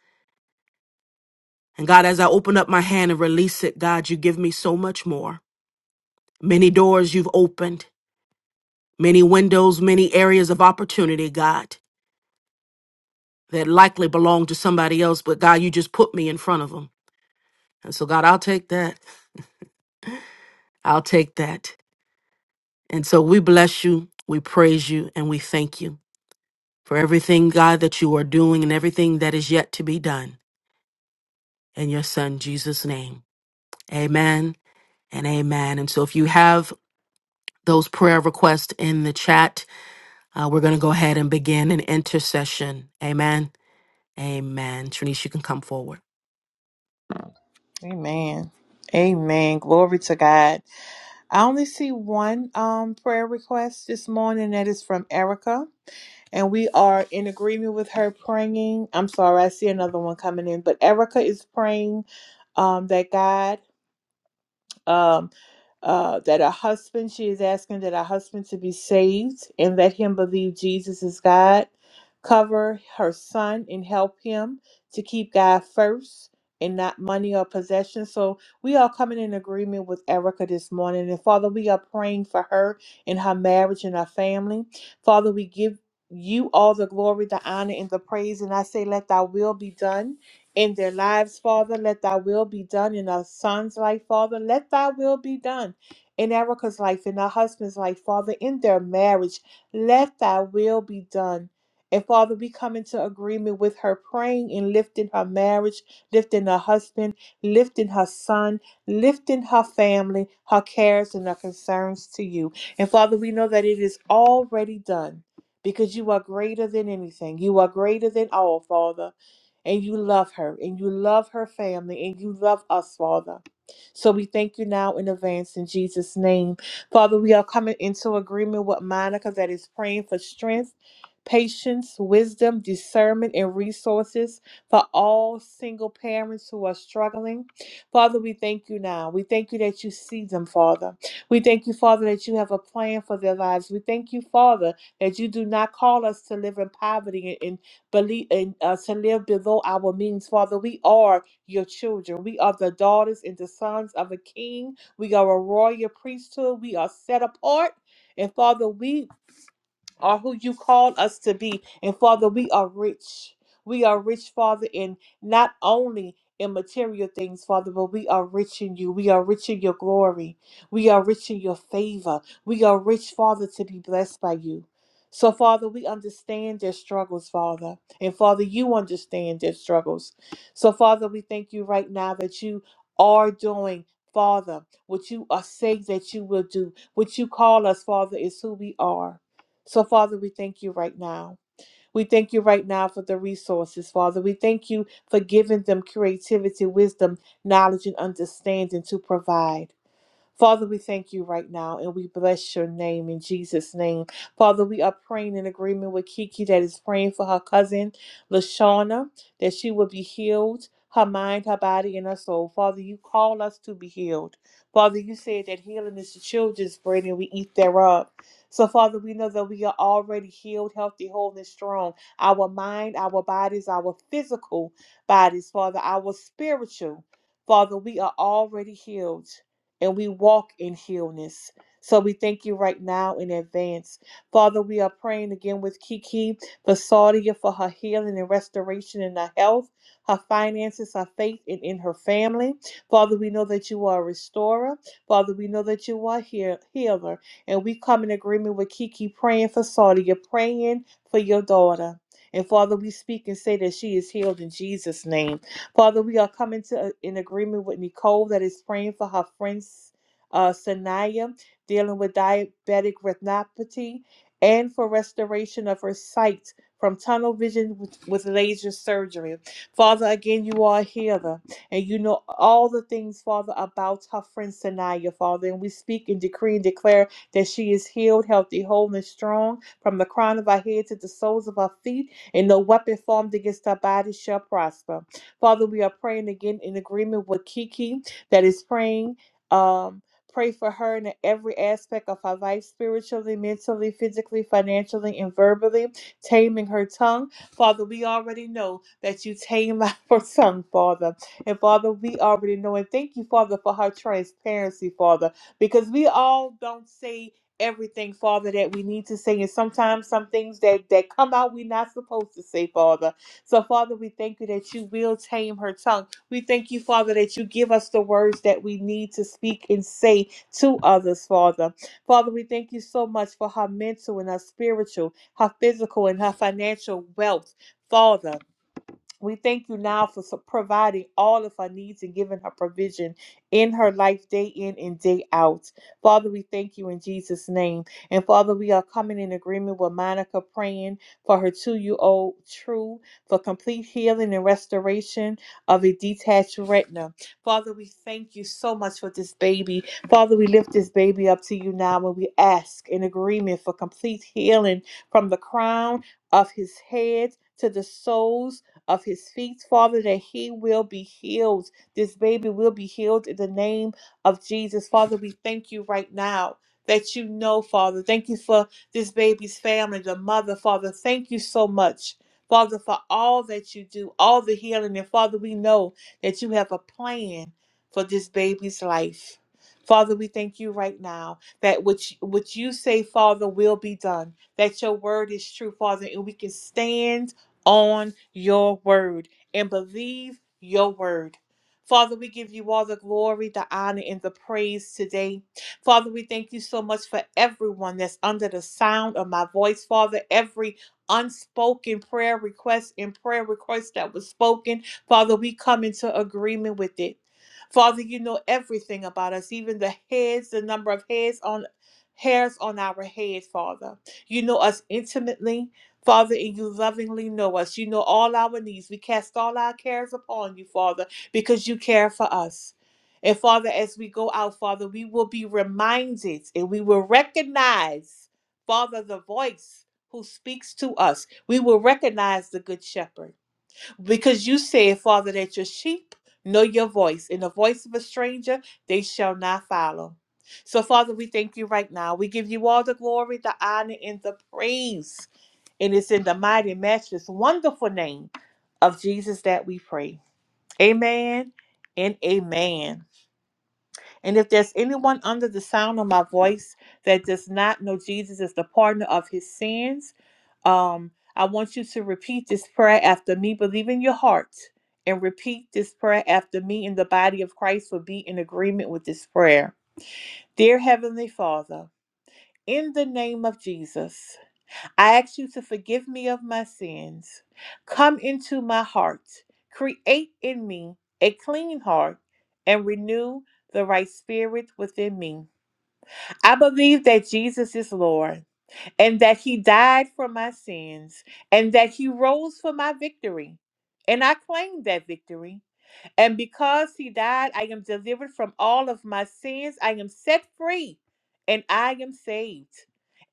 And God, as I open up my hand and release it, God, you give me so much more. Many doors you've opened, many windows, many areas of opportunity, God, that likely belong to somebody else, but God, you just put me in front of them. And so, God, I'll take that. I'll take that. And so we bless you, we praise you, and we thank you for everything, God, that you are doing and everything that is yet to be done. In your Son, Jesus' name. Amen and amen. And so, if you have those prayer requests in the chat, uh, we're going to go ahead and begin an intercession. Amen. Amen. Trinice, you can come forward. Amen. Amen. Glory to God. I only see one um prayer request this morning that is from Erica. and we are in agreement with her praying. I'm sorry, I see another one coming in, but Erica is praying um, that God. um, uh, that her husband, she is asking that her husband to be saved and let him believe Jesus is God. Cover her son and help him to keep God first and not money or possessions. So we are coming in agreement with Erica this morning. And Father, we are praying for her and her marriage and her family. Father, we give you all the glory, the honor, and the praise. And I say, let thy will be done in their lives, Father. Let thy will be done in our son's life, Father. Let thy will be done in Erica's life, in her husband's life, Father, in their marriage. Let thy will be done. And Father, we come into agreement with her praying and lifting her marriage, lifting her husband, lifting her son, lifting her family, her cares and her concerns to you. And Father, we know that it is already done because you are greater than anything. You are greater than all, Father. And you love her, and you love her family, and you love us, Father. So we thank you now in advance in Jesus' name. Father, we are coming into agreement with Monica that is praying for strength, patience, wisdom, discernment, and resources for all single parents who are struggling. Father, we thank you now. We thank you that you see them, Father. We thank you, Father, that you have a plan for their lives. We thank you, Father, that you do not call us to live in poverty and, and believe and uh, to live below our means, Father. We are your children. We are the daughters and the sons of a king. We are a royal priesthood. We are set apart. And Father, we are who you called us to be. And Father, we are rich. We are rich, Father, in not only in material things, Father, but we are rich in you. We are rich in your glory. We are rich in your favor. We are rich, Father, to be blessed by you. So, Father, we understand their struggles, Father. And Father, you understand their struggles. So, Father, we thank you right now that you are doing, Father, what you are saying that you will do. What you call us, Father, is who we are. So, Father, we thank you right now. We thank you right now for the resources, Father. We thank you for giving them creativity, wisdom, knowledge, and understanding to provide. Father, we thank you right now and we bless your name in Jesus' name. Father, we are praying in agreement with Kiki that is praying for her cousin, LaShawna, that she will be healed, her mind, her body, and her soul. Father, you call us to be healed. Father, you said that healing is the children's bread and we eat thereof. So, Father, we know that we are already healed, healthy, whole, and strong. Our mind, our bodies, our physical bodies, Father, our spiritual. Father, we are already healed and we walk in healness. So we thank you right now in advance. Father, we are praying again with Kiki for Saudia for her healing and restoration in her health, her finances, her faith, and in her family. Father, we know that you are a restorer. Father, we know that you are a heal- healer. And we come in agreement with Kiki praying for Saudia, praying for your daughter. And Father, we speak and say that she is healed in Jesus' name. Father, we are coming to in agreement with Nicole that is praying for her friends, uh, Sanaya, dealing with diabetic retinopathy, and for restoration of her sight from tunnel vision with, with laser surgery. Father, again, you are a healer, and you know all the things, Father, about her friend Sanaya, Father. And we speak and decree and declare that she is healed, healthy, whole, and strong from the crown of her head to the soles of her feet, and no weapon formed against her body shall prosper. Father, we are praying again in agreement with Kiki that is praying. Um, pray for her in every aspect of her life spiritually, mentally, physically, financially, and verbally, taming her tongue. Father, we already know that you tame her tongue, Father. And Father, we already know. And thank you, Father, for her transparency, Father, because we all don't say everything father that we need to say and sometimes some things that that come out we're not supposed to say father so, Father, we thank you that you will tame her tongue. We thank you, Father, that you give us the words that we need to speak and say to others, Father. Father, we thank you so much for her mental and her spiritual, her physical and her financial wealth. Father, we thank you now for su- providing all of her needs and giving her provision in her life, day in and day out. Father, we thank you in Jesus' name. And Father, we are coming in agreement with Monica praying for her two year old True for complete healing and restoration of a detached retina. Father, we thank you so much for this baby. Father, we lift this baby up to you now and we ask in agreement for complete healing from the crown of his head to the soles of his feet, Father, that he will be healed. This baby will be healed in the name of Jesus. Father, we thank you right now that you know, Father. Thank you for this baby's family, the mother, Father. Thank you so much. Father, for all that you do, all the healing. And Father, we know that you have a plan for this baby's life. Father, we thank you right now that which, which you say, Father, will be done, that your word is true, Father, and we can stand on your word and believe your word. Father, we give you all the glory, the honor, and the praise today. Father, we thank you so much for everyone that's under the sound of my voice. Father, every unspoken prayer request and prayer request that was spoken, Father, we come into agreement with it. Father, you know everything about us, even the heads, the number of heads on hairs on our heads, Father. You know us intimately. Father, and you lovingly know us. You know all our needs. We cast all our cares upon you, Father, because you care for us. And Father, as we go out, Father, we will be reminded and we will recognize, Father, the voice who speaks to us. We will recognize the Good Shepherd because you said, Father, that your sheep know your voice, and the voice of a stranger they shall not follow. So, Father, we thank you right now. We give you all the glory, the honor, and the praise. And it's in the mighty, matchless, wonderful name of Jesus that we pray. Amen and amen. And if there's anyone under the sound of my voice that does not know Jesus as the partner of his sins, um, I want you to repeat this prayer after me. Believe in your heart and repeat this prayer after me, and the body of Christ will be in agreement with this prayer. Dear Heavenly Father, in the name of Jesus. I ask you to forgive me of my sins. Come into my heart. Create in me a clean heart and renew the right spirit within me. I believe that Jesus is Lord and that he died for my sins and that he rose for my victory. And I claim that victory. And because he died, I am delivered from all of my sins. I am set free and I am saved.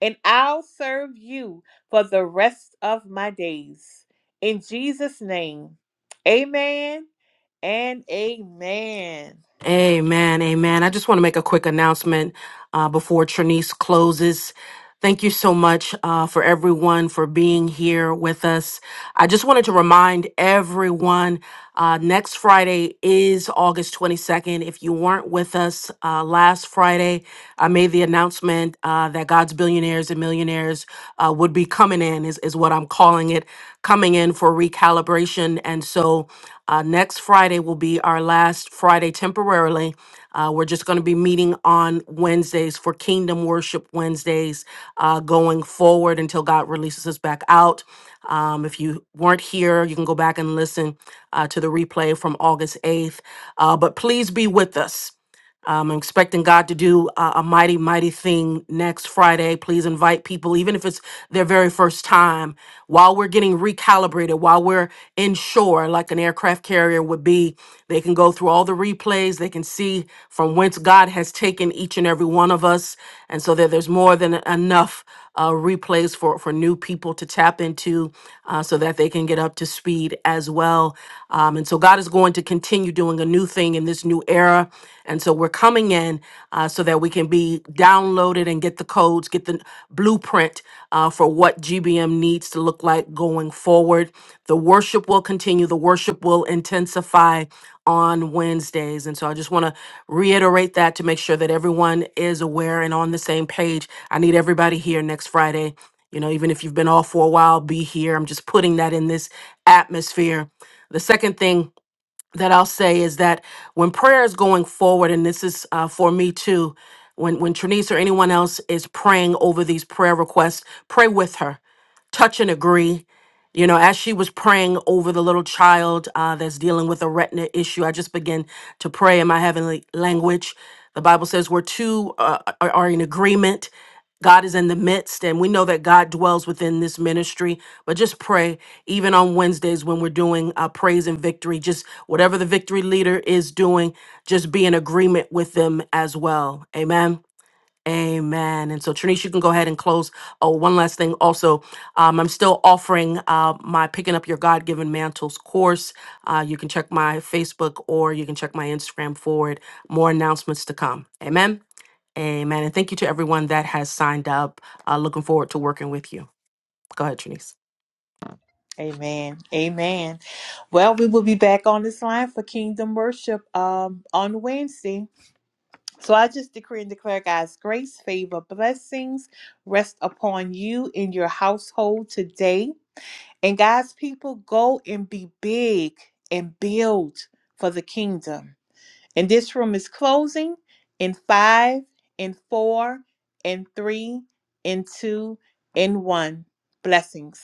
And I'll serve you for the rest of my days. In Jesus' name, amen and amen. Amen. Amen. I just want to make a quick announcement uh, before Trinice closes. Thank you so much uh, for everyone for being here with us. I just wanted to remind everyone uh, next Friday is August 22nd. If you weren't with us uh, last Friday, I made the announcement uh, that God's billionaires and millionaires uh, would be coming in, is, is what I'm calling it. coming in for recalibration. And so uh, next Friday will be our last Friday temporarily. Uh, we're just going to be meeting on Wednesdays for Kingdom Worship Wednesdays uh, going forward until God releases us back out. Um, if you weren't here, you can go back and listen uh, to the replay from August 8th. Uh, but please be with us I'm expecting God to do a, a mighty, mighty thing next Friday. Please invite people, even if it's their very first time, while we're getting recalibrated, while we're inshore, like an aircraft carrier would be. They can go through all the replays, they can see from whence God has taken each and every one of us. And so that there's more than enough uh, replays for, for new people to tap into uh, so that they can get up to speed as well. Um, and so God is going to continue doing a new thing thing in this new era. And so we're coming in uh, so that we can be downloaded and get the codes, get the blueprint uh, for what GBM needs to look like going forward. The worship will continue, the worship will intensify on Wednesdays. And so I just want to reiterate that to make sure that everyone is aware and on the same page. I need everybody here next Friday. You know, even if you've been off for a while, be here. I'm just putting that in this atmosphere. The second thing that I'll say is that when prayer is going forward, and this is uh, for me too, when when Trinice or anyone else is praying over these prayer requests, pray with her, touch and agree. You know, as she was praying over the little child uh, that's dealing with a retina issue, I just began to pray in my heavenly language. The Bible says, where two uh, are are in agreement, God is in the midst, and we know that God dwells within this ministry. But just pray, even on Wednesdays when we're doing uh, praise and victory, just whatever the victory leader is doing, just be in agreement with them as well. Amen. Amen. And so, Trinice, you can go ahead and close. Oh, one last thing. Also, um, I'm still offering uh, my Picking Up Your God Given Mantles course. Uh, you can check my Facebook or you can check my Instagram for it. More announcements to come. Amen. Amen. And thank you to everyone that has signed up. Uh, looking forward to working with you. Go ahead, Trinice. Amen. Amen. Well, we will be back on this line for kingdom worship um, on Wednesday. So I just decree and declare God's grace, favor, blessings rest upon you in your household today. And God's people, go and be big and build for the kingdom. And this room is closing in five, in four, in three, in two, in one. Blessings.